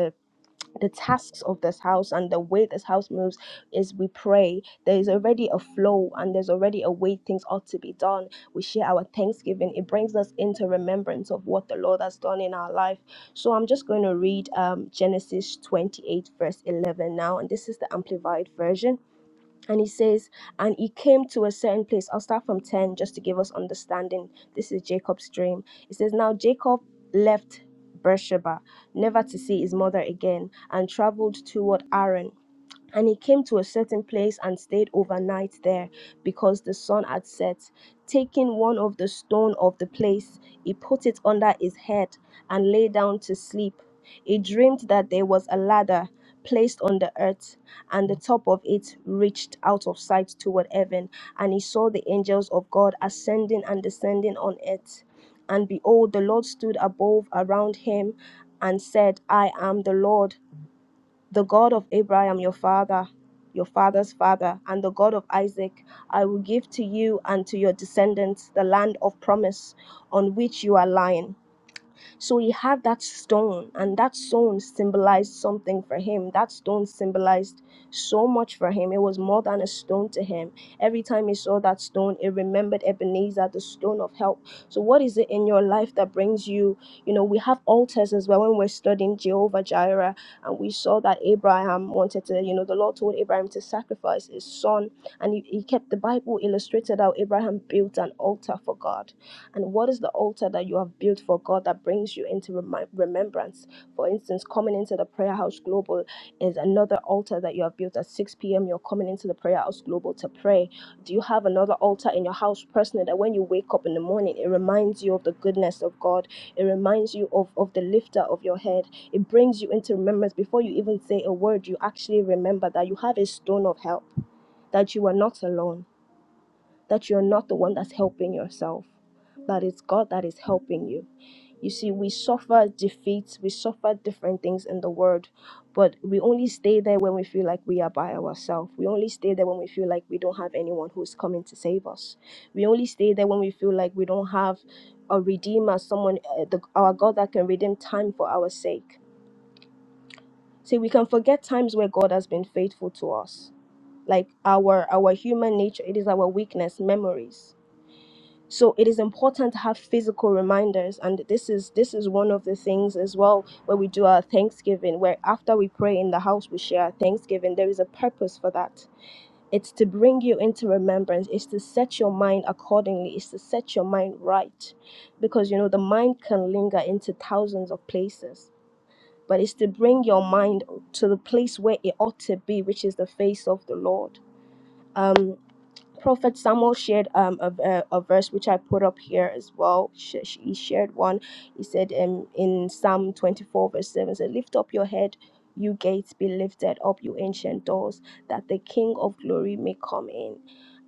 S1: the tasks of this house and the way this house moves is we pray. There is already a flow and there's already a way things ought to be done. We share our thanksgiving. It brings us into remembrance of what the Lord has done in our life. So I'm just going to read um, Genesis 28, verse 11 now, and this is the Amplified Version and he says, and he came to a certain place. I'll start from 10 just to give us understanding. This is Jacob's dream. It says, Now Jacob left Beersheba, never to see his mother again, and traveled toward Haran. And he came to a certain place and stayed overnight there because the sun had set. Taking one of the stone of the place, he put it under his head and lay down to sleep. He dreamed that there was a ladder placed on the earth, and the top of it reached out of sight toward heaven. And he saw the angels of God ascending and descending on it. And behold, the Lord stood above around him and said, I am the Lord the God of Abraham, your father, your father's father, and the God of Isaac, I will give to you and to your descendants the land of promise on which you are lying. So he had that stone, and that stone symbolized something for him. That stone symbolized so much for him. It was more than a stone to him. Every time he saw that stone, it remembered Ebenezer, the stone of help. So, what is it in your life that brings you? You know, we have altars as well when we're studying Jehovah Jireh, and we saw that Abraham wanted to, you know, the Lord told Abraham to sacrifice his son, and he, he kept the Bible illustrated how Abraham built an altar for God and what is the altar that you have built for God that brings you into remi- remembrance? For instance, coming into the Prayer House Global is another altar that you have built at 6 p.m. You're coming into the Prayer House Global to pray. Do you have another altar in your house personally that when you wake up in the morning, it reminds you of the goodness of God? It reminds you of, of the lifter of your head. It brings you into remembrance. Before you even say a word, you actually remember that you have a stone of help, that you are not alone that you're not the one that's helping yourself, that it's God that is helping you. You see, we suffer defeats, we suffer different things in the world, but we only stay there when we feel like we are by ourselves. We only stay there when we feel like we don't have anyone who's coming to save us. We only stay there when we feel like we don't have a redeemer, someone, uh, the, our God that can redeem time for our sake. See, we can forget times where God has been faithful to us. Like our our human nature, it is our weakness, memories so it is important to have physical reminders and this is this is one of the things as well where we do our thanksgiving where after we pray in the house we share our thanksgiving there is a purpose for that it's to bring you into remembrance it's to set your mind accordingly it's to set your mind right because you know the mind can linger into thousands of places but it's to bring your mind to the place where it ought to be which is the face of the lord Um. Prophet Samuel shared um, a, a, a verse which I put up here as well. Sh- sh- He shared one. He said um, in Psalm 24, verse 7, said, Lift up your head, you gates, be lifted up, you ancient doors, that the King of glory may come in.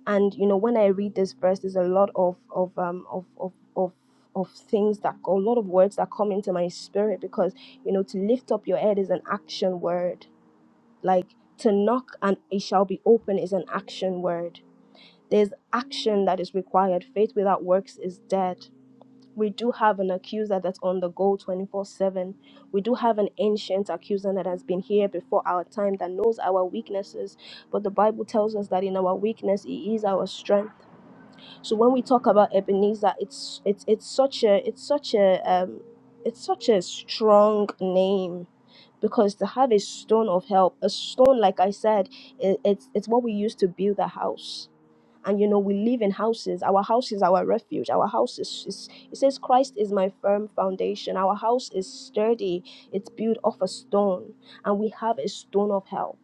S1: And, you know, when I read this verse, there's a lot of, of, um, of, of, of of things that a lot of words that come into my spirit because you know to lift up your head is an action word like to knock and it shall be open is an action word there's action that is required. Faith without works is dead. We do have an accuser that's on the go 24 7. We do have an ancient accuser that has been here before our time that knows our weaknesses. But the Bible tells us that in our weakness, He is our strength. So when we talk about Ebenezer, it's it's it's such a it's such a um, it's such a strong name because to have a stone of help, a stone like I said, it, it's it's what we use to build a house and you know we live in houses our house is our refuge our house is, is it says christ is my firm foundation our house is sturdy it's built off a stone and we have a stone of help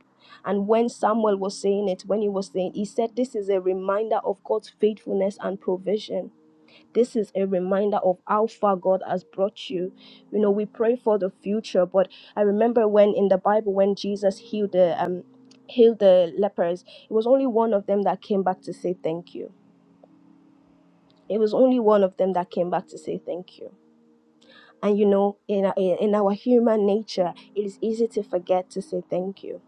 S1: and when samuel was saying it when he was saying he said this is a reminder of god's faithfulness and provision this is a reminder of how far God has brought you. You know, we pray for the future, but I remember when in the Bible when Jesus healed the um healed the lepers, it was only one of them that came back to say thank you. It was only one of them that came back to say thank you. And you know, in our, in our human nature, it is easy to forget to say thank you.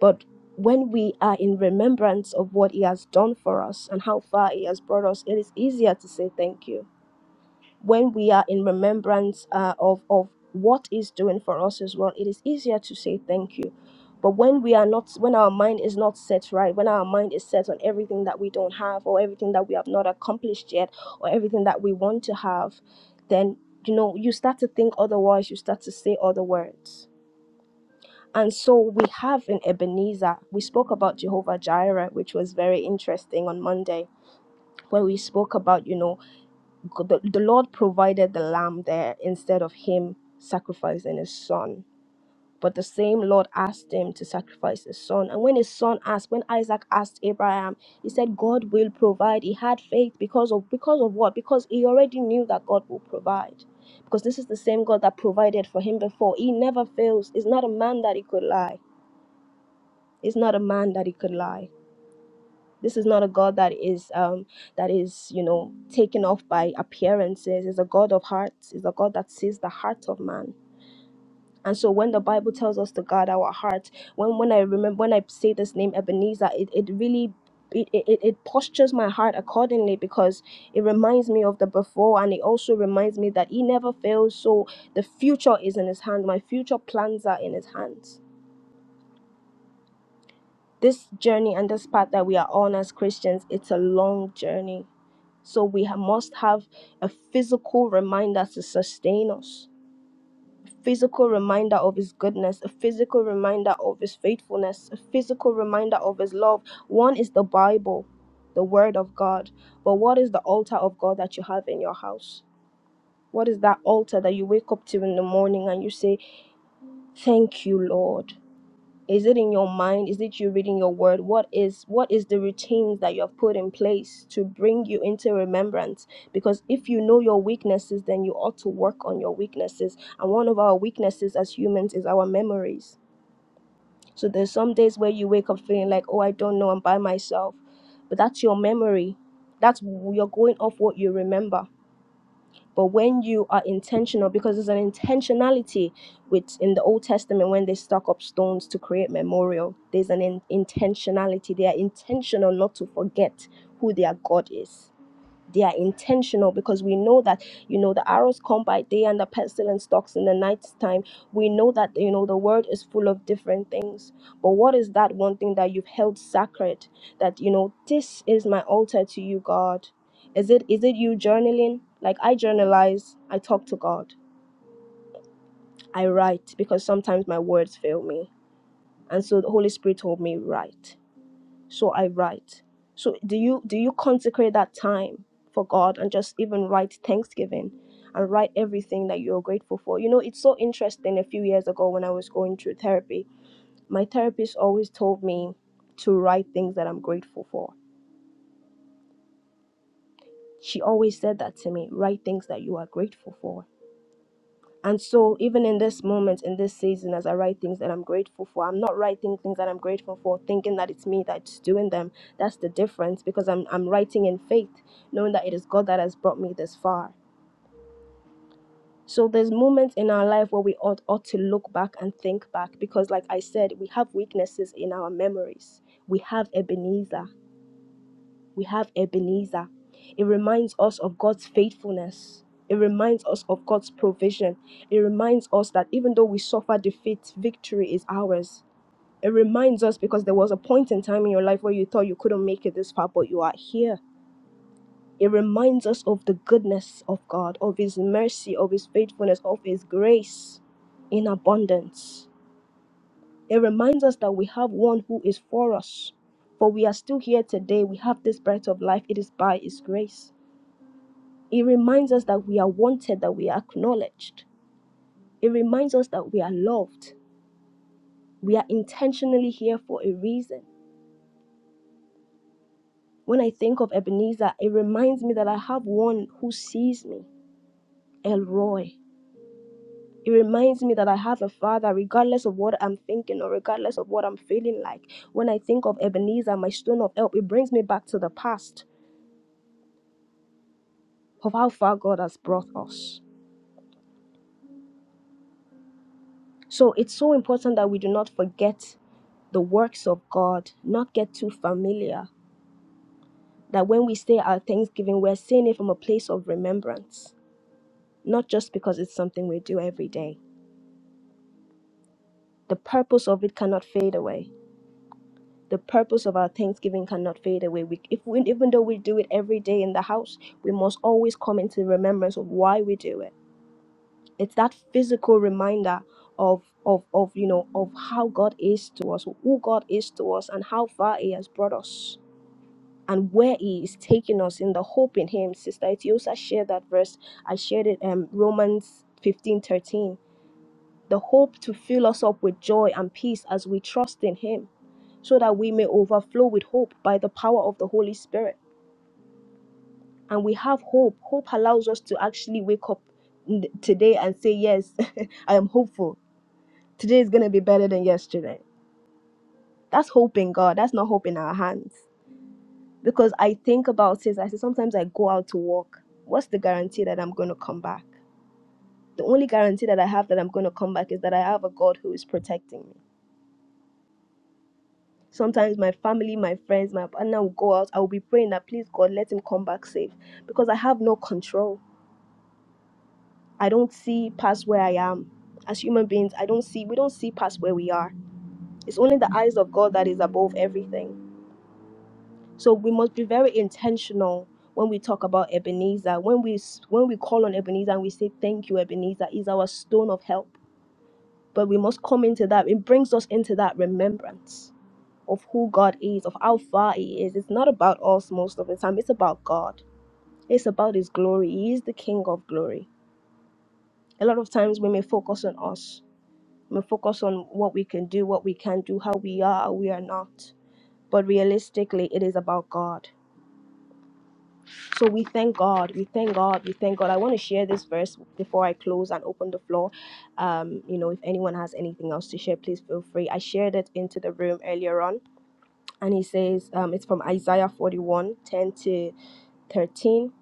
S1: But when we are in remembrance of what He has done for us and how far He has brought us, it is easier to say thank you. when we are in remembrance uh, of of what is doing for us as well it is easier to say thank you but when we are not when our mind is not set right when our mind is set on everything that we don't have or everything that we have not accomplished yet or everything that we want to have then you know you start to think otherwise you start to say other words and so we have in ebenezer we spoke about jehovah jireh which was very interesting on monday where we spoke about you know God- the, the Lord provided the lamb there instead of him sacrificing his son. But the same Lord asked him to sacrifice his son. And when his son asked, when Isaac asked Abraham, he said, God will provide. He had faith because of because of what? Because he already knew that God will provide. Because this is the same God that provided for him before. He never fails. He's not a man that he could lie. He's not a man that he could lie. This is not a God that is um, that is you know taken off by appearances. It's a God of hearts. It's a God that sees the heart of man. And so when the Bible tells us to guard our heart, when when I remember when I say this name Ebenezer, it, it really it, it, it postures my heart accordingly because it reminds me of the before and it also reminds me that he never fails so the future is in his hand my future plans are in his hands this journey and this path that we are on as Christians, it's a long journey. So we ha- must have a physical reminder to sustain us, physical reminder of His goodness, a physical reminder of His faithfulness, a physical reminder of His love. One is the Bible, the Word of God. But what is the altar of God that you have in your house? What is that altar that you wake up to in the morning and you say, Thank you, Lord? is it in your mind is it you reading your word what is what is the routines that you have put in place to bring you into remembrance because if you know your weaknesses then you ought to work on your weaknesses and one of our weaknesses as humans is our memories so there's some days where you wake up feeling like oh i don't know i'm by myself but that's your memory that's you're going off what you remember but when you are intentional, because there's an intentionality with in the Old Testament when they stuck up stones to create memorial, there's an in- intentionality. They are intentional not to forget who their God is they are intentional because we know that you know the arrows come by day and the pestilence stalks in the night's time we know that you know the world is full of different things but what is that one thing that you've held sacred that you know this is my altar to you god is it is it you journaling like i journalize i talk to god i write because sometimes my words fail me and so the holy spirit told me write so i write so do you do you consecrate that time for god and just even write thanksgiving and write everything that you're grateful for you know it's so interesting a few years ago when i was going through therapy my therapist always told me to write things that i'm grateful for she always said that to me write things that you are grateful for And so, even in this moment, in this season, as I write things that I'm grateful for, I'm not writing things that I'm grateful for, thinking that it's me that's doing them. That's the difference because I'm, I'm writing in faith, knowing that it is God that has brought me this far. So, there's moments in our life where we ought, ought to look back and think back because, like I said, we have weaknesses in our memories. We have Ebenezer we have Ebenezer. It reminds us of God's faithfulness. It reminds us of God's provision. It reminds us that even though we suffer defeat, victory is ours. It reminds us because there was a point in time in your life where you thought you couldn't make it this far, but you are here. It reminds us of the goodness of God, of His mercy, of His faithfulness, of His grace in abundance. It reminds us that we have one who is for us, for we are still here today. We have this breath of life. It is by His grace. It reminds us that we are wanted, that we are acknowledged. It reminds us that we are loved. We are intentionally here for a reason. When I think of Ebenezer, it reminds me that I have one who sees me, Elroy. It reminds me that I have a father, regardless of what I'm thinking or regardless of what I'm feeling like. When I think of Ebenezer, my stone of help, it brings me back to the past of how far God has brought us. So it's so important that we do not forget the works of God, not get too familiar that when we say our thanksgiving, we're saying it from a place of remembrance, not just because it's something we do every day. The purpose of it cannot fade away. The purpose of our thanksgiving cannot fade away. We, if we, even though we do it every day in the house, we must always come into remembrance of why we do it. It's that physical reminder of of of you know of how God is to us, who God is to us, and how far He has brought us and where he is taking us in the hope in him. Sister Etiosa shared that verse. I shared it um Romans 15 13. The hope to fill us up with joy and peace as we trust in him, so that we may overflow with hope by the power of the Holy Spirit. And we have hope. Hope allows us to actually wake up n- today and say, Yes, I am hopeful. Today is gonna be better than yesterday. That's hope in God. That's not hope in our hands. because I think about it. I say sometimes I go out to work. What's the guarantee that I'm going to come back? The only guarantee that I have that I'm going to come back is that I have a God who is protecting me. Sometimes my family, my friends, my partner will go out. I will be praying that please God let him come back safe because I have no control. I don't see past where I am. As human beings, I don't see we don't see past where we are. It's only the eyes of God that is above everything. So we must be very intentional when we talk about Ebenezer. When we when we call on Ebenezer and we say thank you, Ebenezer is our stone of help. But we must come into that. It brings us into that remembrance of who God is, of how far He is. It's not about us most of the time. It's about God. It's about His glory. He is the King of glory. A lot of times we may focus on us. We may focus on what we can do, what we can't do, how we are, how we are not. But realistically, it is about God So we thank God. We thank God. We thank God. I want to share this verse before I close and open the floor. Um, you know, if anyone has anything else to share, please feel free. I shared it into the room earlier on, and he says um, it's from Isaiah 41 10 to 13.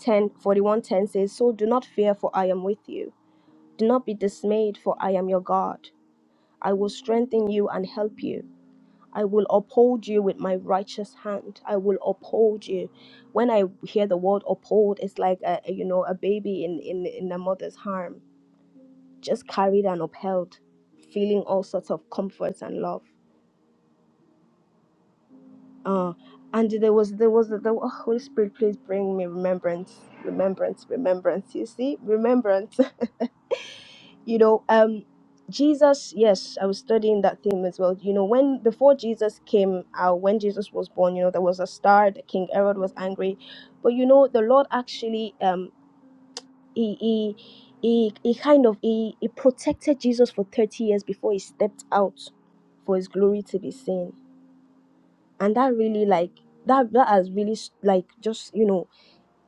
S1: 10 41 10 says, So do not fear, for I am with you. Do not be dismayed, for I am your God. I will strengthen you and help you. I will uphold you with my righteous hand. I will uphold you. When I hear the word uphold, it's like a you know a baby in in in a mother's arm, just carried and upheld, feeling all sorts of comfort and love. Uh, and there was there was the oh, Holy Spirit, please bring me remembrance, remembrance, remembrance. You see, remembrance. you know um jesus yes i was studying that theme as well you know when before jesus came out when jesus was born you know there was a star that king herod was angry but you know the lord actually um he he he, he kind of he, he protected jesus for 30 years before he stepped out for his glory to be seen and that really like that that has really like just you know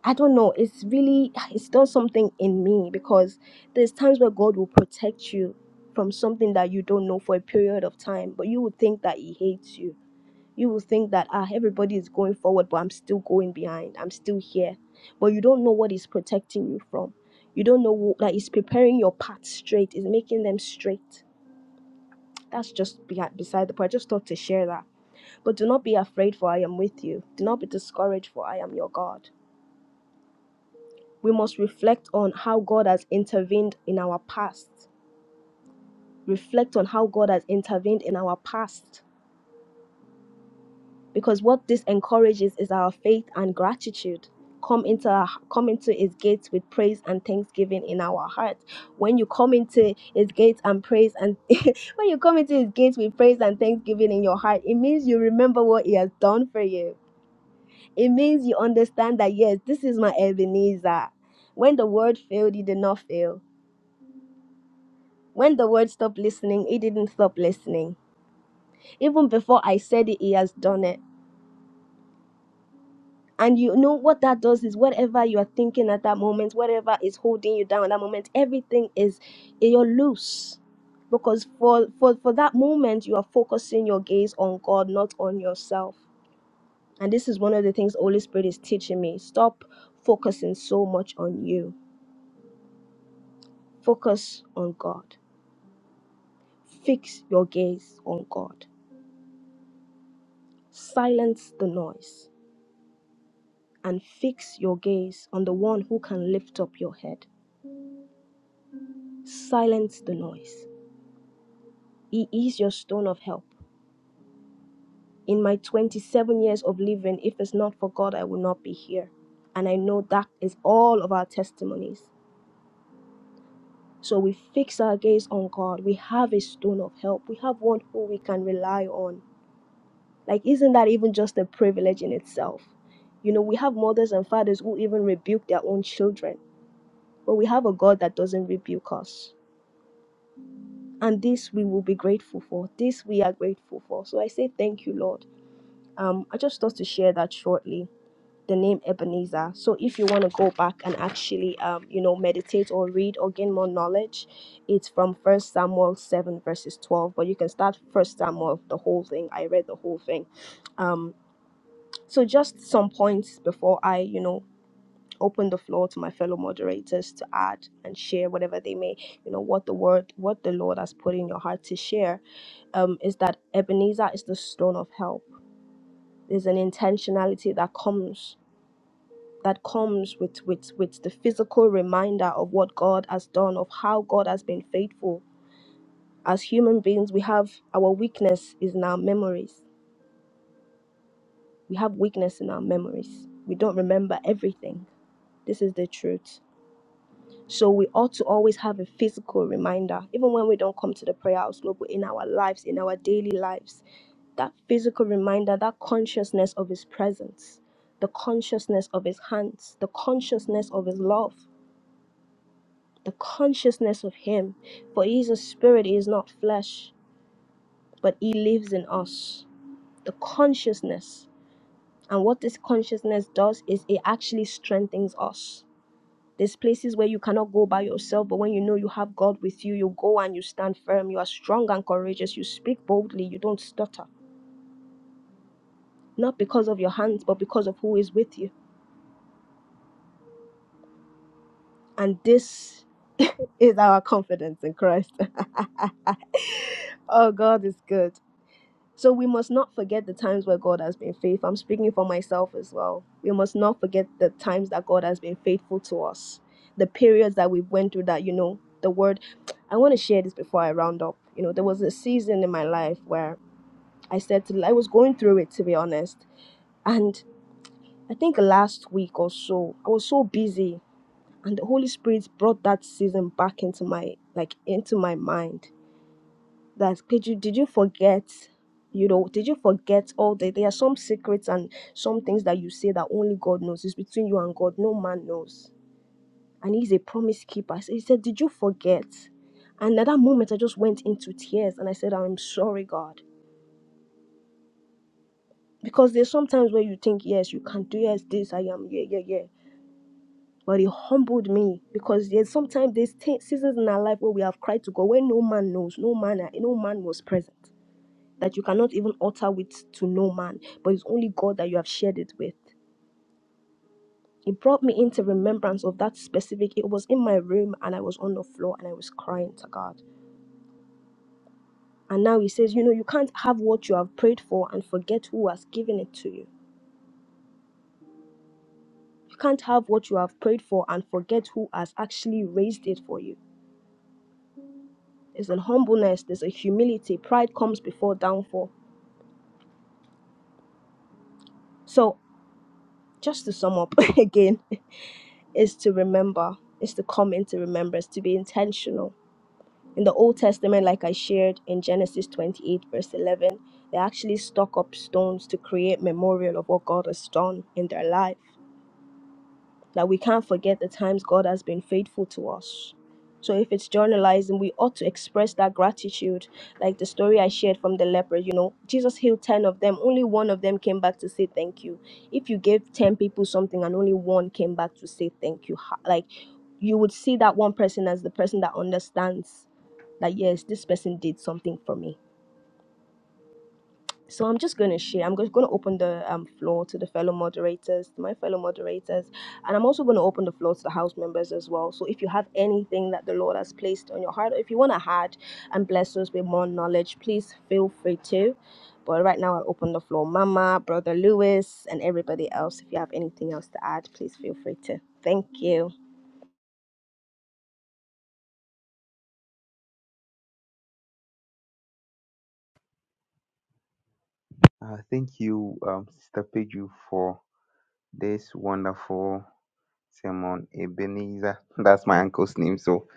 S1: I don't know. It's really it's done something in me because there's times where God will protect you from something that you don't know for a period of time, but you would think that He hates you. You will think that ah everybody is going forward, but I'm still going behind. I'm still here, but you don't know what He's protecting you from. You don't know wh- that He's preparing your path straight. Is making them straight. That's just behind, beside the point. I just thought to share that. But do not be afraid, for I am with you. Do not be discouraged, for I am your God. we must reflect on how God has intervened in our past. Reflect on how God has intervened in our past. Because what this encourages is our faith and gratitude. Come into our, come into his gates with praise and thanksgiving in our hearts. When you come into his gates and praise and when you come into his gates with praise and thanksgiving in your heart, it means you remember what he has done for you. It means you understand that yes, this is my Ebenezer. When the world failed, he did not fail When the word stopped listening, he didn't stop listening. Even before I said it, he has done it. And you know what that does is whatever you are thinking at that moment, whatever is holding you down at that moment, everything is you're loose. Because for, for, for that moment you are focusing your gaze on God, not on yourself. And this is one of the things the Holy Spirit is teaching me. Stop focusing so much on you. Focus on God. Fix your gaze on God. Silence the noise and fix your gaze on the one who can lift up your head. Silence the noise. He is your stone of help. In my 27 years of living, if it's not for God, I will not be here. And I know that is all of our testimonies. So we fix our gaze on God. We have a stone of help. We have one who we can rely on. Like, isn't that even just a privilege in itself? You know, we have mothers and fathers who even rebuke their own children, but we have a God that doesn't rebuke us. and this we will be grateful for. This we are grateful for. So I say thank you, Lord. Um, I just thought to share that shortly. The name Ebenezer. So if you want to go back and actually, um, you know, meditate or read or gain more knowledge, it's from First Samuel seven verses twelve. But you can start First Samuel the whole thing. I read the whole thing. Um, so just some points before I, you know open the floor to my fellow moderators to add and share whatever they may you know what the word what the lord has put in your heart to share um, is that ebenezer is the stone of help there's an intentionality that comes that comes with with with the physical reminder of what god has done of how god has been faithful as human beings we have our weakness is in our memories we have weakness in our memories we don't remember everything this is the truth So we ought to always have a physical reminder, even when we don't come to the prayer house global in our lives, in our daily lives, that physical reminder, that consciousness of his presence, the consciousness of his hands, the consciousness of his love, the consciousness of him. For he is a spirit, he is not flesh, but he lives in us. The consciousness. And what this consciousness does is it actually strengthens us There's places where you cannot go by yourself, but when you know you have God with you, you go and you stand firm. You are strong and courageous. You speak boldly. You don't stutter. Not because of your hands, but because of who is with you. And this is our confidence in Christ. oh, God is good. So we must not forget the times where God has been faithful. I'm speaking for myself as well. We must not forget the times that God has been faithful to us. The periods that we went through that, you know, the word I want to share this before I round up. You know, there was a season in my life where I said to I was going through it to be honest. And I think last week or so, I was so busy and the Holy Spirit brought that season back into my like into my mind that could you did you forget you know did you forget all the there are some secrets and some things that you say that only god knows it's between you and god no man knows and he's a promise keeper so he said did you forget and at that moment i just went into tears and i said i'm sorry god because there's sometimes where you think yes you can do yes this i am yeah yeah yeah but he humbled me because there's sometimes there's t- seasons in our life where we have cried to god where no man knows no man no man was present that you cannot even utter with to no man, but it's only God that you have shared it with. It brought me into remembrance of that specific. It was in my room and I was on the floor and I was crying to God. And now he says, You know, you can't have what you have prayed for and forget who has given it to you. You can't have what you have prayed for and forget who has actually raised it for you. There's a humbleness, there's a humility. Pride comes before downfall. So, just to sum up again, is to remember, is to come into remembrance, to be intentional In the Old Testament, like I shared in Genesis 28, verse 11, they actually stock up stones to create memorial of what God has done in their life that we can't forget the times God has been faithful to us. So if it's journalizing, we ought to express that gratitude, like the story I shared from the leper. You know, Jesus healed 10 of them, only one of them came back to say thank you. If you gave 10 people something and only one came back to say thank you, ho- like you would see that one person as the person that understands that yes, this person did something for me. So I'm just going to share. I'm just going to open the um, floor to the fellow moderators, to my fellow moderators, and I'm also going to open the floor to the house members as well. So if you have anything that the Lord has placed on your heart, or if you want to add and bless us with more knowledge, please feel free to. But right now, I open the floor, Mama, Brother Lewis, and everybody else. If you have anything else to add, please feel free to. Thank you.
S5: Uh, thank you, um, Sister Peju, for this wonderful sermon, Ebenezer. That's my uncle's name. So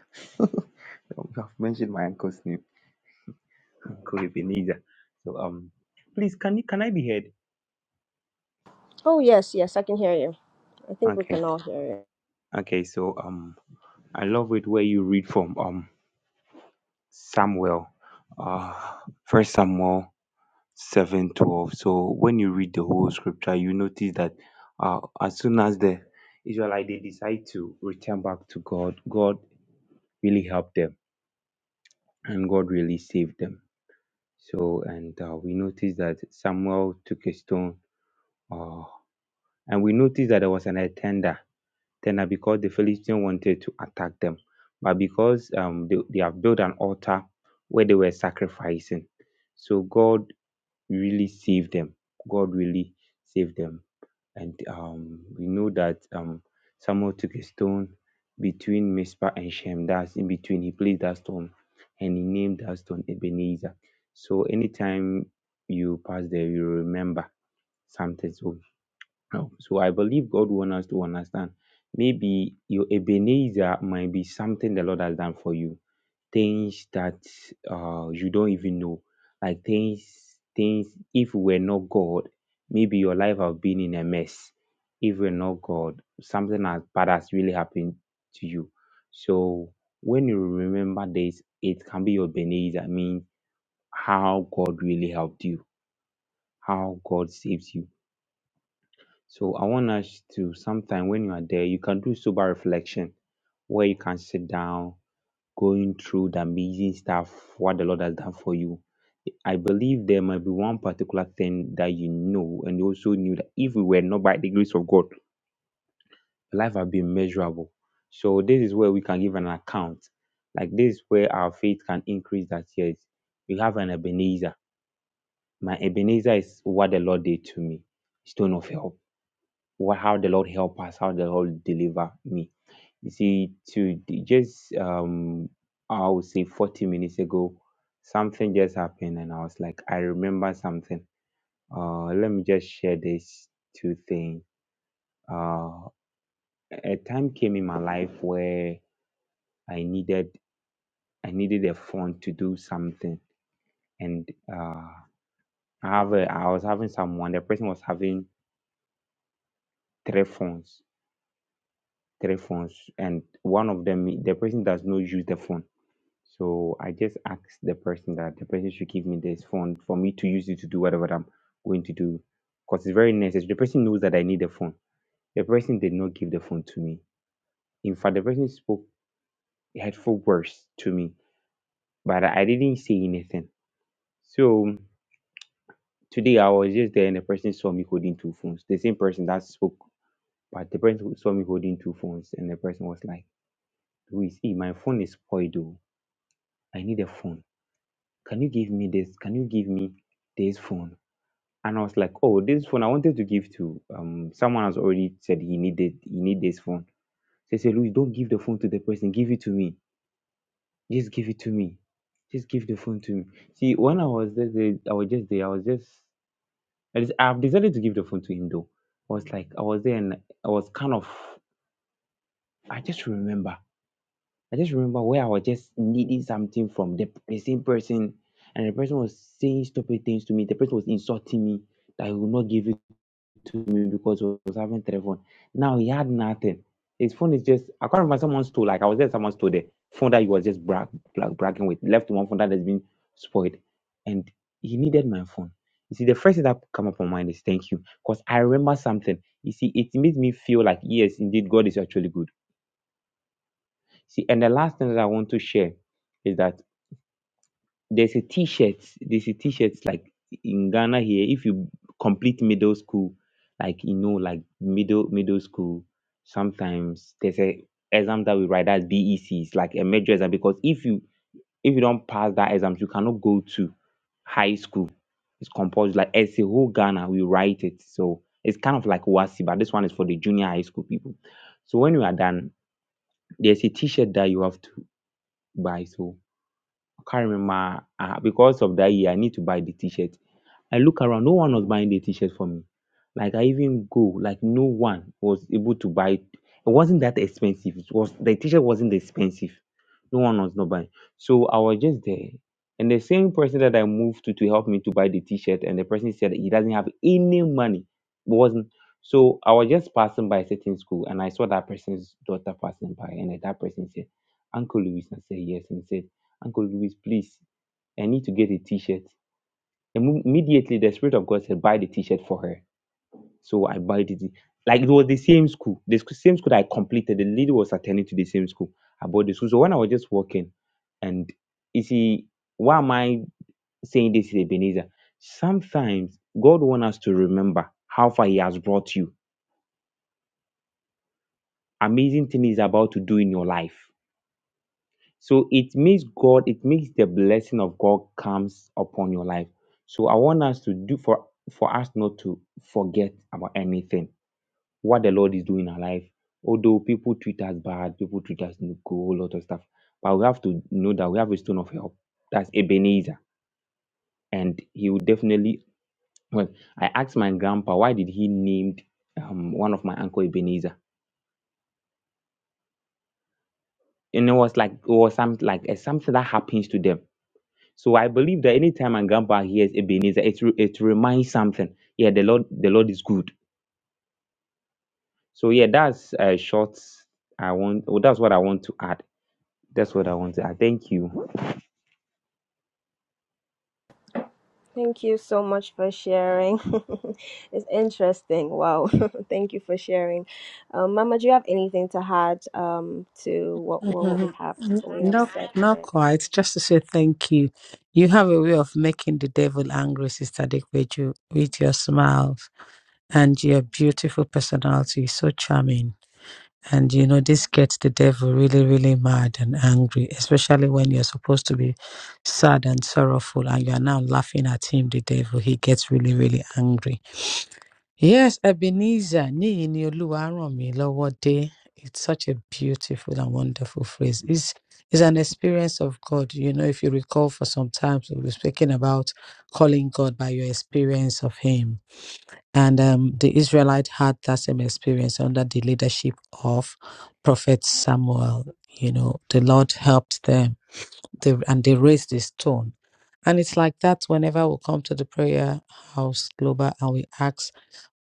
S5: um, you have mentioned my uncle's name, Uncle Ebenezer. So um, please can you can I be heard?
S1: Oh yes, yes, I can hear you. I think we
S5: Okay,
S1: can all hear you.
S5: okay. So um, I love it where you read from um Samuel, uh, First Samuel seven twelve. So when you read the whole scripture, you notice that uh, as soon as the Israelite they decide to return back to God. God really helped them and God really saved them. So, and uh, we noticed that Samuel took a stone, uh, and we noticed that there was an attender, tender because the Philistine wanted to attack them, but because um, they, they have built an altar where they were sacrificing. So God really save them. God really saved them. And um, we know that um, Samuel took a stone between Mizpah and Shem. That's in between. He placed that stone and he named that stone Ebenezer. So anytime you pass there, you remember something. So, um, so I believe God wants us to understand. Maybe your Ebenezer might be something the Lord has done for you things that uh, you don't even know. Like things, things, if we are not God, maybe your life have been in a mess. If we're not God, something as bad has really happened to you. So when you remember this, it can be your Ebenezer. I mean, how God really helped you, how God saves you. So I want us to sometime when you are there, you can do sober reflection where you can sit down going through the amazing stuff what the Lord has done for you. I believe there might be one particular thing that you know, and you also knew that if we were not by the grace of God, life had been miserable. So this is where we can give an account. Like this is where our faith can increase that yes, we have an Ebenezer. My Ebenezer is what the Lord did to me. Stone of help. What how the Lord help us, how the Lord deliver me. You see, to just um, I would say 40 minutes ago, something just happened, and I was like, I remember something. Uh, let me just share this two thing. Uh, a time came in my life where I needed I needed a phone to do something, and uh, I have a, I was having someone. The person was having three phones, three phones, and one of them the person does not use the phone So I just asked the person that the person should give me this phone for me to use it to do whatever that I'm going to do. Because it's very necessary. The person knows that I need the phone. The person did not give the phone to me. In fact, the person spoke hurtful words to me, but I didn't say anything. So today I was just there and the person saw me holding two phones. The same person that spoke, but the person who saw me holding two phones and the person was like, Luis, eh, my phone is spoiled though. I need a phone. Can you give me this? Can you give me this phone? And I was like, oh, this phone I wanted to give to um someone has already said he needed he need this phone. So I said, Louis, don't give the phone to the person. Give it to me. Just give it to me. Just give the phone to me. See, when I was there, the- I was just there. I was just I just, I've decided to give the phone to him though. I was like, I was there and I was kind of I just remember. I just remember where I was just needing something from the, the same person and the person was saying stupid things to me. The person was insulting me that I would not give it. to me because he was having three phone. Now he had nothing. His phone is just I can't remember someone stole. Like I was there, someone stole the phone that he was just brag, brag, bragging with. Left one phone that has been spoiled, and he needed my phone. You see, the first thing that come up on mind is thank you, because I remember something. You see, it made me feel like yes, indeed, God is actually good. See, and the last thing that I want to share is that there's a T-shirt. There's a T-shirt like in Ghana here. If you complete middle school, like you know, like middle middle school, sometimes there's a exam that we write that's BEC. It's like a major exam because if you if you don't pass that exam, you cannot go to high school. It's composed Like as a whole Ghana, we write it. So it's kind of like WASI, but this one is for the junior high school people. So when you are done, there's a T-shirt that you have to buy. So I carry my um because of that, year i need to buy the t-shirt I look around, no one was buying the t-shirt for me. Like I even go, like no one was able to buy. It wasn't that expensive. It was the t-shirt wasn't expensive. No one was not buying. So I was just there. And the same person that I moved to to help me to buy the t-shirt, and the person said he doesn't have any money. Wasn't so I was just passing by a certain school and I saw that person's daughter passing by, and then that person said, Uncle Louis, I said yes, and he said, Uncle Louis, please, I need to get a t-shirt. Im- Immediately, the Spirit of God said, Buy the t shirt for her. So I bought it. Like it was the same school, the sc- same school that I completed. The lady was attending to the same school. I bought the school. So when I was just walking, and you see, why am I saying this, Ebenezer? Sometimes God wants us to remember how far He has brought you. Amazing thing He's about to do in your life. So it makes God, it makes the blessing of God comes upon your life. So I want us to do for for us not to forget about anything what the Lord is doing in our life. Although people treat us bad, people treat us with a whole lot of stuff, but we have to know that we have a stone of help. That's Ebenezer, and he will definitely. Well, I asked my grandpa why did he named um, one of my uncle Ebenezer, and it was like it was some like it's something that happens to them. So I believe that anytime my grandpa hears Ebenezer, it re- it reminds something. Yeah, the Lord the Lord is good. So yeah, that's a short. I want. Well, that's what I want to add. That's what I want to add. Thank you.
S1: Thank you so much for sharing. it's interesting. Wow. Thank you for sharing. Um, Mama, do you have anything to add um, to what, what we
S3: Mhm.
S1: have
S3: N-
S1: what we have
S3: No,
S1: said
S3: not
S1: today?
S3: quite. Just to say thank you. You have a way of making the devil angry, Sister Dick, with you, with your smiles and your beautiful personality. So charming. And you know, this gets the devil really, really mad and angry, especially when you're supposed to be sad and sorrowful and you are now laughing at him, the devil. He gets really, really angry. Yes, Ebenezer, níyìí ni Olúwa ràn mí lọ́wọ́ dé. It's such a beautiful and wonderful phrase. It's, it's an experience of God. You know, if you recall for some time, we were speaking about calling God by your experience of Him. And um, the Israelite had that same experience under the leadership of Prophet Samuel. You know, the Lord helped them they, and they raised the stone. And it's like that whenever we come to the prayer house global and we ask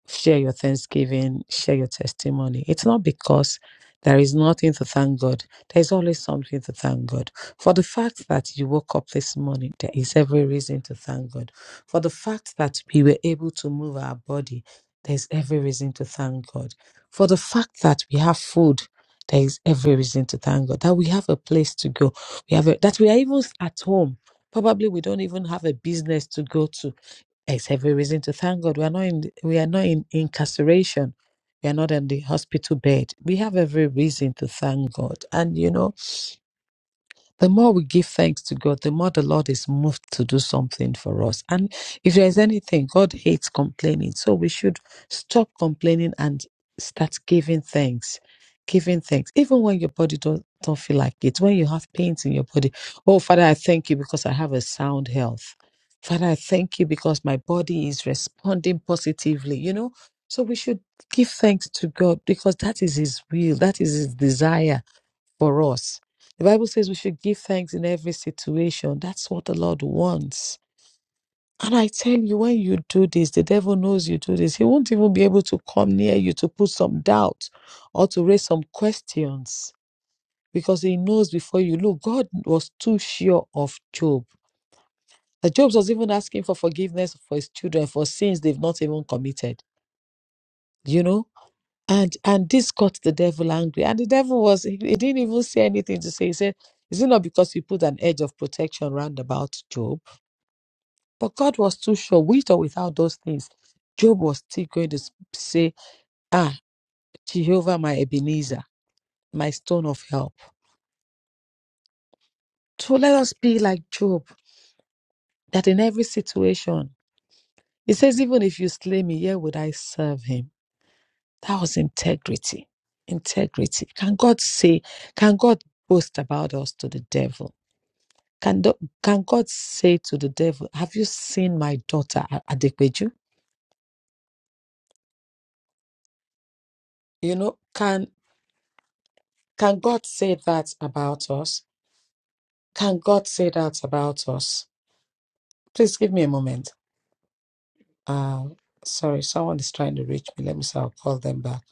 S3: share your thanksgiving, share your testimony. It's not because there is nothing to thank God. There's always something to thank God. For the fact that you woke up this morning, there is every reason to thank God. For the fact that we were able to move our body, there's every reason to thank God. For the fact that we have food, there is every reason to thank God. That we have a place to go. We have a, that we are even at home. Probably we don't even have a business to go to it's every reason to thank God. We are not in we are not in incarceration. We are not on the hospital bed. We have every reason to thank God. And you know, the more we give thanks to God, the more the Lord is moved to do something for us. And if there is anything, God hates complaining. So we should stop complaining and start giving thanks. Giving thanks. Even when your body don't, don't feel like it, when you have pains in your body. Oh, Father, I thank you because I have a sound health. Father, I thank you because my body is responding positively, you know? So we should give thanks to God because that is His will, that is His desire for us. The Bible says we should give thanks in every situation. That's what the Lord wants. And I tell you, when you do this, the devil knows you do this. He won't even be able to come near you to put some doubt or to raise some questions because he knows before you. Look, God was too sure of Job. That Job was even asking for forgiveness for his children for sins they've not even committed. You know? And and this got the devil angry. And the devil was he, he didn't even say anything to say. He said, Is it not because you put an edge of protection round about Job? But God was too sure, with or without those things, Job was still going to s- say, Ah, Jehovah my Ebenezer, my stone of help. So let us be like Job, that in every situation, he says, Even if you slay me, yet would I serve him. That was integrity. Integrity. Can God say, can God boast about us to the devil? Can, the, can God say to the devil, Have you seen my daughter, A- Adepeju? You know, can, can God say that about us? Can God say that about us? Please give me a moment. Uh, sorry, someone is trying to reach me. Let me see, I'll call them back.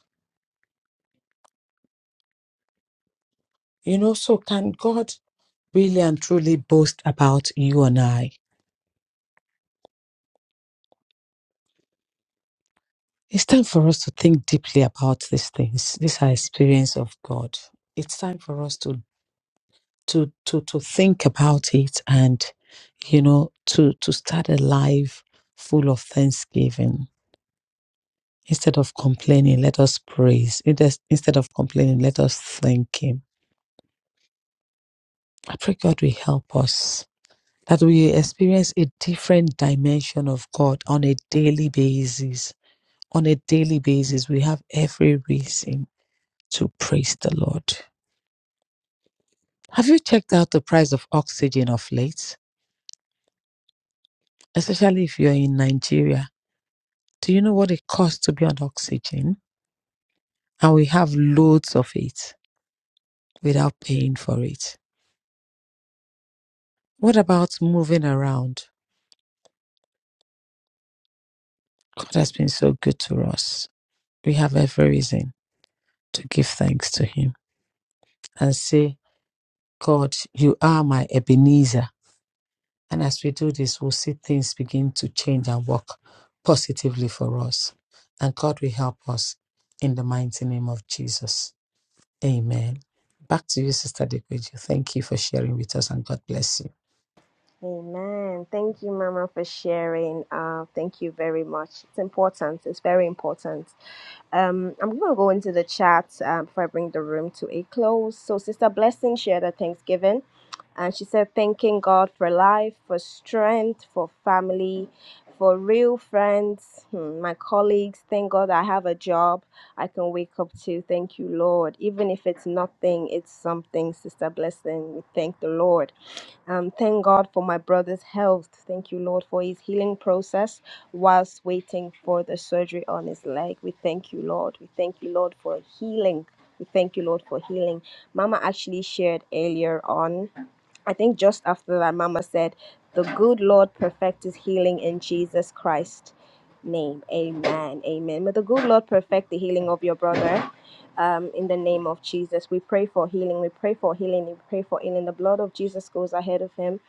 S3: You know, so can God really and truly boast about you and I? It's time for us to think deeply about these things. These are experience of God. It's time for us to to to to think about it and you know to to start a life full of thanksgiving instead of complaining let us praise It is- instead of complaining let us thank him i pray god will help us that we experience a different dimension of god on a daily basis on a daily basis we have every reason to praise the lord have you checked out the price of oxygen of late especially if you're in nigeria Do you know what it costs to be on oxygen? And we have loads of it without paying for it. What about moving around? God has been so good to us. We have every reason to give thanks to Him and say, God, you are my Ebenezer. And as we do this, we'll see things begin to change and work positively for us. And God will help us in the mighty name of Jesus. Amen. Back to you, Sister Dekweju. Thank you for sharing with us and God bless you.
S1: Amen. Thank you, Mama, for sharing. Uh, thank you very much. It's important. It's very important. Um, I'm going to go into the chat Um, before I bring the room to a close. So, Sister Blessing shared her Thanksgiving, and she said, thanking God for life, for strength, for family, for real friends, hmm, my colleagues. Thank God I have a job I can wake up to. Thank you, Lord. Even if it's nothing, it's something, Sister Blessing. We thank the Lord. Um, thank God for my brother's health. Thank you, Lord, for his healing process whilst waiting for the surgery on his leg. We thank you, Lord. We thank you, Lord, for healing. We thank you, Lord, for healing. Mama actually shared earlier on I think just after that, Mama said, The good Lord perfect his healing in Jesus Christ. Name. Amen. Amen. May the good Lord perfect the healing of your brother um, in the name of Jesus. We pray for healing. We pray for healing. We pray for healing. The blood of Jesus goes ahead of him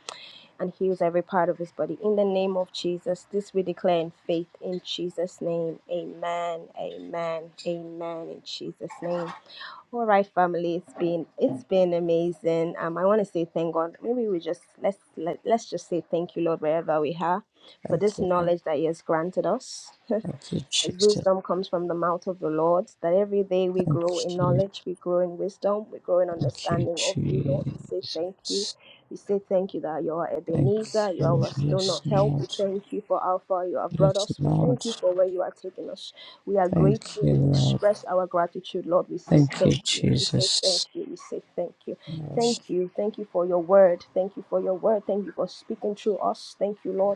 S1: and heals every part of his body. In the name of Jesus, this we declare in faith. In Jesus' name, amen. Amen. Amen. In Jesus' name. All right, family. It's been it's been amazing. Um, I want to say thank God. Maybe we just let's let, let's just say thank you, Lord, wherever we are, for
S3: Thank
S1: this
S3: you, Lord.
S1: knowledge that He has granted us.
S3: Thank you,
S1: as
S3: Jesus.
S1: wisdom comes from the mouth of the Lord, that every day we
S3: Thank
S1: grow in
S3: you.
S1: knowledge, we grow in wisdom, we grow in
S3: Thank you,
S1: understanding of you, Lord. We say thank you.
S3: Jesus.
S1: We say thank you that you are
S3: Thank
S1: Ebenezer, you are
S3: you.
S1: our stone
S3: Yes,
S1: of help.
S3: Lord.
S1: We thank you for how far you have brought
S3: Yes,
S1: us. We
S3: Lord.
S1: thank you for where you are taking us. We are
S3: Thank
S1: grateful.
S3: you,
S1: We
S3: Lord.
S1: express our gratitude, Lord. We say
S3: Thank you,
S1: thank you. We say thank
S3: Jesus.
S1: you. We say thank you.
S3: Yes,
S1: Thank you. Thank you for your word. Thank you for your word. Thank you for speaking through us. Thank you, Lord.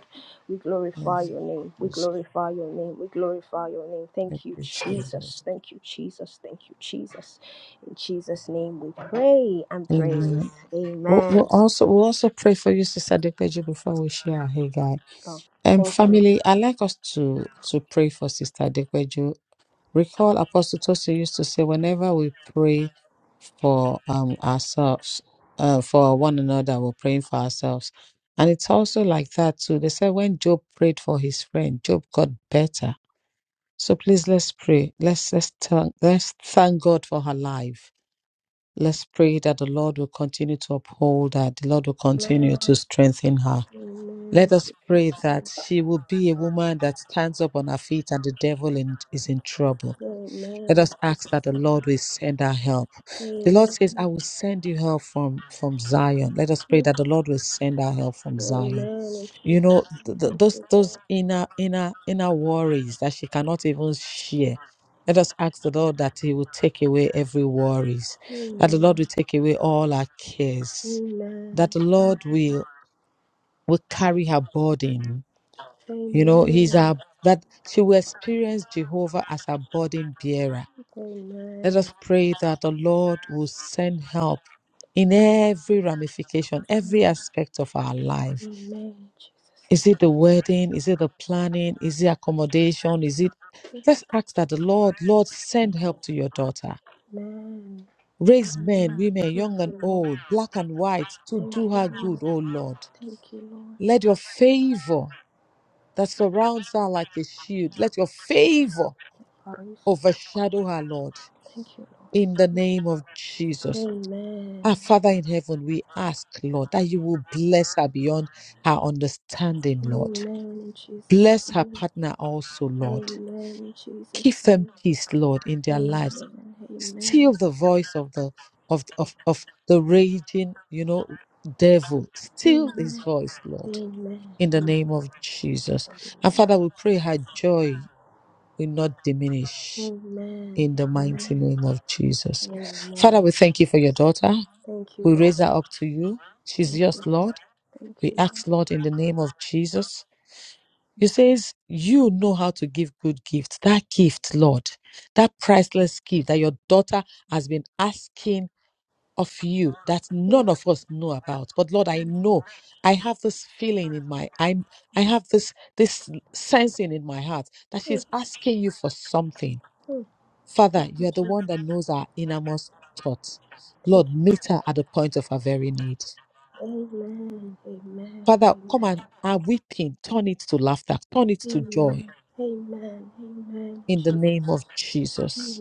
S1: We
S3: Thank you,
S1: glorify your name. We
S3: Jesus.
S1: glorify your name. We glorify your name.
S3: Thank
S1: Thank you,
S3: you,
S1: Jesus.
S3: Jesus.
S1: Thank you, Jesus. Thank you, Jesus. In Jesus' name we pray and praise.
S3: Amen. We'll, we'll
S1: Amen.
S3: also we'll also pray for you, Sister Dekweju, before we share our hey guy.
S1: Oh,
S3: Um,
S1: thank you.
S3: family, i like us to to pray for Sister Dekweju Recall Apostle Tosin used to say, whenever we pray for um ourselves, uh, for one another, we're praying for ourselves. And it's also like that too. They said when Job prayed for his friend, Job got better. So please let's pray. Let's let's thank let's thank God for her life. Let's pray that the Lord will continue to uphold her. The Lord will continue to strengthen her. Let
S1: Amen. In
S3: us pray
S1: Jesus'
S3: that
S1: name.
S3: she will be a woman that stands up on her feet and the devil in, is in trouble. Let
S1: Amen.
S3: us
S1: In
S3: ask
S1: Jesus'
S3: that the Lord
S1: name.
S3: will send our help. The Lord says, I
S1: Amen.
S3: will send you help from, from Zion. Let us pray that the Lord will send our help from Zion.
S1: Amen. In
S3: You
S1: Jesus'
S3: know,
S1: name.
S3: th- th-
S1: Thank
S3: those
S1: you,
S3: those
S1: Lord.
S3: inner inner inner worries that she cannot even share. Let us ask the Lord that He will take away every worries, that the Lord will
S1: Amen.
S3: take away all our cares, that
S1: Amen.
S3: the Lord will will carry her burden. You know,
S1: Amen.
S3: He's our that she will experience Jehovah as her burden bearer let
S1: Amen.
S3: us pray that the Lord will send help in every ramification, every aspect of our life.
S1: Amen. Jesus.
S3: Is it the wedding? Is it the planning? Is it accommodation? Is it? Let's ask that the Lord, Lord, send help to your daughter.
S1: Amen.
S3: Raise men,
S1: Amen.
S3: women,
S1: Thank
S3: young and
S1: you, Lord.
S3: old, black and white, to
S1: Thank
S3: do
S1: you,
S3: her
S1: Lord.
S3: good, O Lord.
S1: Thank you, Lord.
S3: Let your favor that surrounds her like a shield, let your favor
S1: Arisa.
S3: overshadow her, Lord,
S1: Thank you, Lord.
S3: in the name of Jesus. Our
S1: Amen.
S3: Father in heaven, we ask, Lord, that you will bless her beyond her understanding, Lord.
S1: Amen in Jesus'
S3: Bless her
S1: name.
S3: partner also, Lord.
S1: Amen in
S3: Give
S1: Jesus'
S3: them
S1: name.
S3: peace, Lord, in their lives. Still
S1: Amen.
S3: the voice of the of of, of the raging, you know, devil. Still his
S1: Amen.
S3: voice, Lord,
S1: Amen.
S3: in
S1: Amen.
S3: the name of Jesus. And
S1: Amen. Amen.
S3: Father, we pray her joy will not diminish
S1: Amen.
S3: in the mighty
S1: Amen.
S3: name of Jesus.
S1: Amen.
S3: Father, we thank you for your daughter.
S1: Thank you,
S3: We
S1: Lord.
S3: raise her up to you. She's
S1: Thank you,
S3: yours,
S1: Lord.
S3: Lord.
S1: Thank
S3: We
S1: you, Lord.
S3: ask, Lord, in the name of Jesus. You says you know how to give good gifts. That gift, Lord, that priceless gift that your daughter has been asking of you that
S1: Mm,
S3: none of us know about. But Lord, I know I have this feeling in my I I have this this sensing in my heart that
S1: mm,
S3: she's
S1: mm,
S3: asking you for something.
S1: mm.
S3: Father,
S1: Thank
S3: you
S1: you,
S3: are the
S1: Jesus.
S3: one that knows our innermost thoughts.
S1: Thank
S3: Lord,
S1: you,
S3: meet her at the point of her very need.
S1: Amen. Amen.
S3: Father, come and our weeping, turn it to laughter, turn it
S1: Amen.
S3: to joy
S1: Amen. Amen. Amen.
S3: in the
S1: Jesus.
S3: name of
S1: Amen. In
S3: Jesus.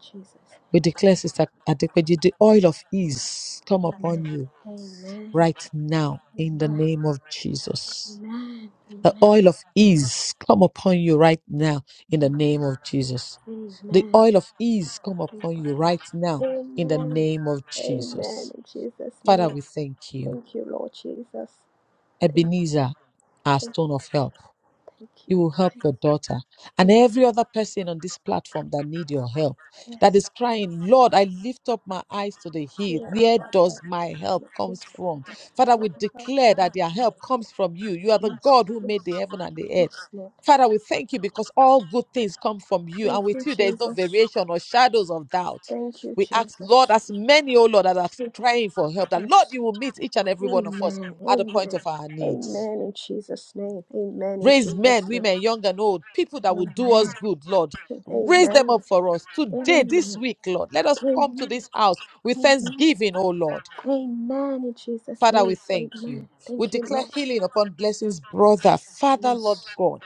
S1: Jesus.
S3: We declare, Sister Adekweji, the oil of ease come
S1: Amen.
S3: upon you
S1: Amen.
S3: right now in
S1: Amen.
S3: the name of Jesus.
S1: Amen.
S3: The
S1: Amen.
S3: oil of ease come upon you right now in the name
S1: Amen.
S3: of Jesus. The oil of ease come upon you right now in the
S1: Amen.
S3: name of
S1: Amen.
S3: Jesus.
S1: In Jesus'
S3: Father,
S1: name.
S3: we thank you.
S1: Thank you, Lord Jesus. Thank,
S3: Ebenezer, our
S1: you.
S3: stone of help.
S1: thank, you.
S3: you will help
S1: thank you.
S3: your daughter and
S1: Thank you.
S3: every other person on this platform that need your help that
S1: yes.
S3: is crying lord i lift up my eyes to the hill
S1: Dear
S3: where
S1: Rabbi, I
S3: does my help comes from father we declare that their help comes from you you are the
S1: Yes,
S3: god who
S1: yes,
S3: made the heaven and the earth
S1: yes, Lord.
S3: father we thank you because all good things come from you
S1: Thank
S3: and with
S1: you,
S3: you there is no
S1: Jesus.
S3: variation or shadows of doubt
S1: Thank you,
S3: we ask lord
S1: Jesus.
S3: as many oh lord that are
S1: Yes,
S3: crying for help that lord
S1: yes.
S3: you will meet each and every one of us
S1: Amen.
S3: at the point
S1: Amen.
S3: of our needs
S1: Amen in Jesus' name. Amen in
S3: Raise men,
S1: Jesus' name.
S3: women, young and old, people that will do
S1: Amen.
S3: us good, Lord.
S1: Amen.
S3: Raise them
S1: Amen.
S3: up for us today, this
S1: Amen.
S3: week, Lord. Let us come to this house with
S1: Amen.
S3: thanksgiving, oh Lord.
S1: Amen in Jesus'
S3: Father, we
S1: name.
S3: thank you.
S1: Amen.
S3: We
S1: Thank you,
S3: declare
S1: Lord.
S3: healing upon blessings, brother. Father, Lord
S1: Yes.
S3: God,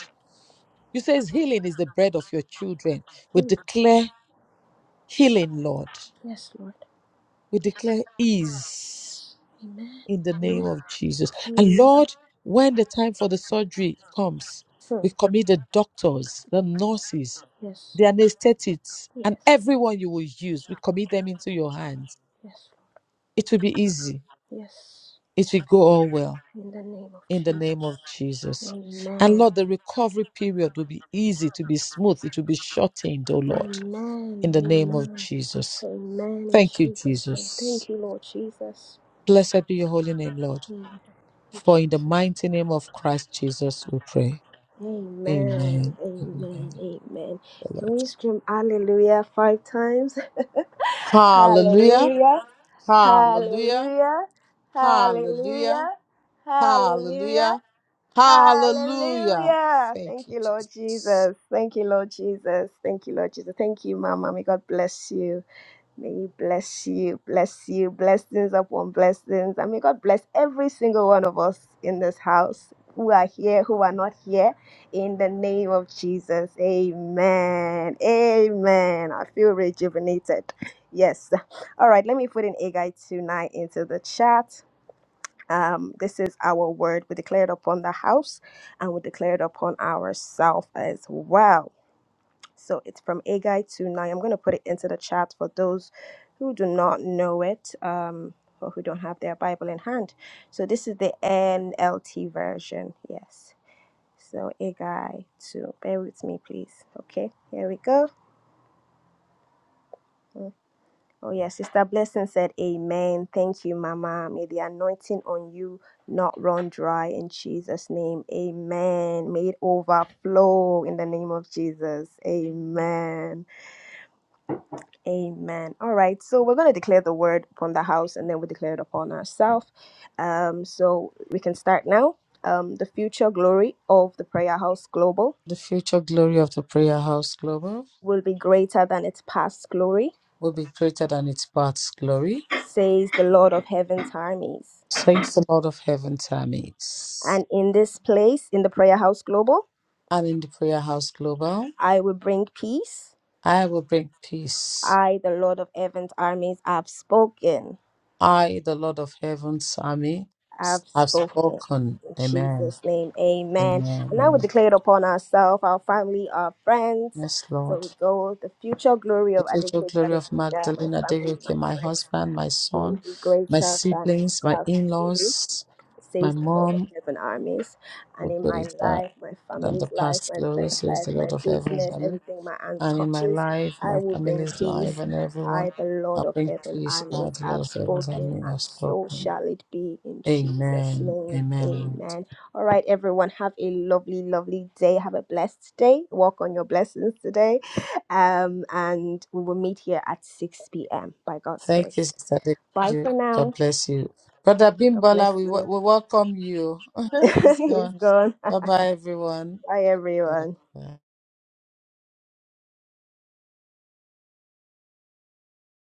S3: you says healing is the bread of your children. We
S1: Hmm.
S3: declare healing, Lord.
S1: Yes, Lord.
S3: We declare ease.
S1: Yes. Amen.
S3: in the name
S1: Amen.
S3: of Jesus. And
S1: Amen.
S3: Lord, when the time for the surgery comes,
S1: Hmm.
S3: we commit the doctors, the nurses,
S1: Yes.
S3: the anesthetists, and
S1: Yes.
S3: everyone you will use, we commit them into your hands.
S1: Yes.
S3: It will be easy.
S1: Yes.
S3: It will go all well
S1: In the name of
S3: in the
S1: Jesus.
S3: name of Jesus. And
S1: Amen.
S3: Lord, the recovery period will be easy, to be smooth, it will be shortened, oh Lord, in
S1: Amen.
S3: the name of
S1: Amen.
S3: Jesus.
S1: Amen. In
S3: Thank you,
S1: Jesus' name. Thank
S3: Jesus.
S1: you, Lord Jesus.
S3: Blessed be your holy name, Lord.
S1: Amen. In
S3: For in the
S1: Jesus.
S3: mighty name of Christ Jesus, we pray.
S1: Amen.
S3: Amen. Amen.
S1: Amen. Amen.
S3: The
S1: Can
S3: Lord.
S1: we scream hallelujah five times?
S3: Hallelujah.
S1: Hallelujah.
S3: Hallelujah.
S1: Hallelujah.
S3: Hallelujah.
S1: Hallelujah. Hallelujah.
S3: Hallelujah. Hallelujah.
S1: Hallelujah.
S3: Thank
S1: Thank
S3: you,
S1: you, Lord
S3: Jesus.
S1: Jesus. Thank you, Lord Jesus. Thank you, Lord Jesus. Thank you, Mama. May God bless you. May He bless you, bless you, blessings upon blessings. I mean, God bless every single one of us in this house who are here, who are not here, in the name of Jesus. Amen. Amen. I feel rejuvenated. Yes. All right, let me put in Agai tonight into the chat. Um, this is our word. We declare it upon the house and we declare it upon ourselves as well. So it's from Agai to Nai. I'm going to put it into the chat for those who do not know it um, or who don't have their Bible in hand. So this is the NLT version. Yes. So Agai to. Bear with me, please. Okay. Here we go. Mm. Oh, yeah. Sister Blessing said, Amen. Thank you, Mama. May the anointing on you not run dry in Jesus' name. Amen. May it overflow in the name of Jesus. Amen. Amen. All right. So we're going to declare the word upon the house and then we declare it upon ourselves. Um, so we can start now. Um, the future glory of the Prayer House Global
S3: The future glory of the Prayer House Global
S1: will be greater than its past glory,
S3: will be greater than its past glory.
S1: says the Lord of Heaven's armies.
S3: Thanks the Lord of Heaven's Tammy's.
S1: And in this place, in the Prayer House Global,
S3: And in the Prayer House Global,
S1: I will bring peace.
S3: I will bring peace.
S1: I, the Lord of Heaven's armies, have spoken.
S3: I, the Lord of Heaven's Army,
S1: I've
S3: have
S1: spoken.
S3: spoken.
S1: In
S3: Amen.
S1: Jesus' name, amen.
S3: Amen.
S1: And now we
S3: Amen.
S1: declare it upon ourselves, our family, our friends.
S3: Yes,
S1: So
S3: Lord.
S1: we go, the future glory
S3: The
S1: of
S3: future
S1: Adequate
S3: glory of
S1: Adequate, my
S3: Magdalena
S1: family,
S3: Adeleke,
S1: my
S3: my
S1: friends,
S3: husband, my
S1: will
S3: son,
S1: be
S3: my
S1: greater than its
S3: siblings, my
S1: past
S3: in
S1: glory
S3: laws, my
S1: says the Lord of
S3: mom,
S1: heaven armies. And
S3: were
S1: in my
S3: greater
S1: life, my
S3: than the
S1: family's life,
S3: past
S1: my
S3: glory,
S1: friend's
S3: says
S1: life,
S3: the
S1: my
S3: Lord of heavens.
S1: business,
S3: Amen.
S1: everything my hand
S3: And in my
S1: touches,
S3: life,
S1: I
S3: my
S1: will bring
S3: family's life,
S1: peace.
S3: and everyone,
S1: I, the
S3: I
S1: Lord of
S3: bring
S1: heaven
S3: peace
S1: armies,
S3: out, the
S1: have
S3: Lord of heavens.
S1: spoken,
S3: Amen.
S1: and
S3: I've
S1: so
S3: spoken.
S1: shall it be in Jesus'
S3: Amen.
S1: name.
S3: Amen. Lord.
S1: Amen. All right, everyone, have a lovely, lovely day. Have a blessed day. Walk on your blessings today. Um, and we will meet here at 6 p.m. by God's
S3: Thank you,
S1: grace.
S3: Sister
S1: Bye
S3: Adeleke.
S1: for
S3: God
S1: now.
S3: bless you. Brother
S1: God bless
S3: Bimbola, we, wel-
S1: you.
S3: we welcome you. Praise
S1: He's
S3: God.
S1: gone.
S3: Bye bye, everyone.
S1: Bye, everyone.
S3: Yeah.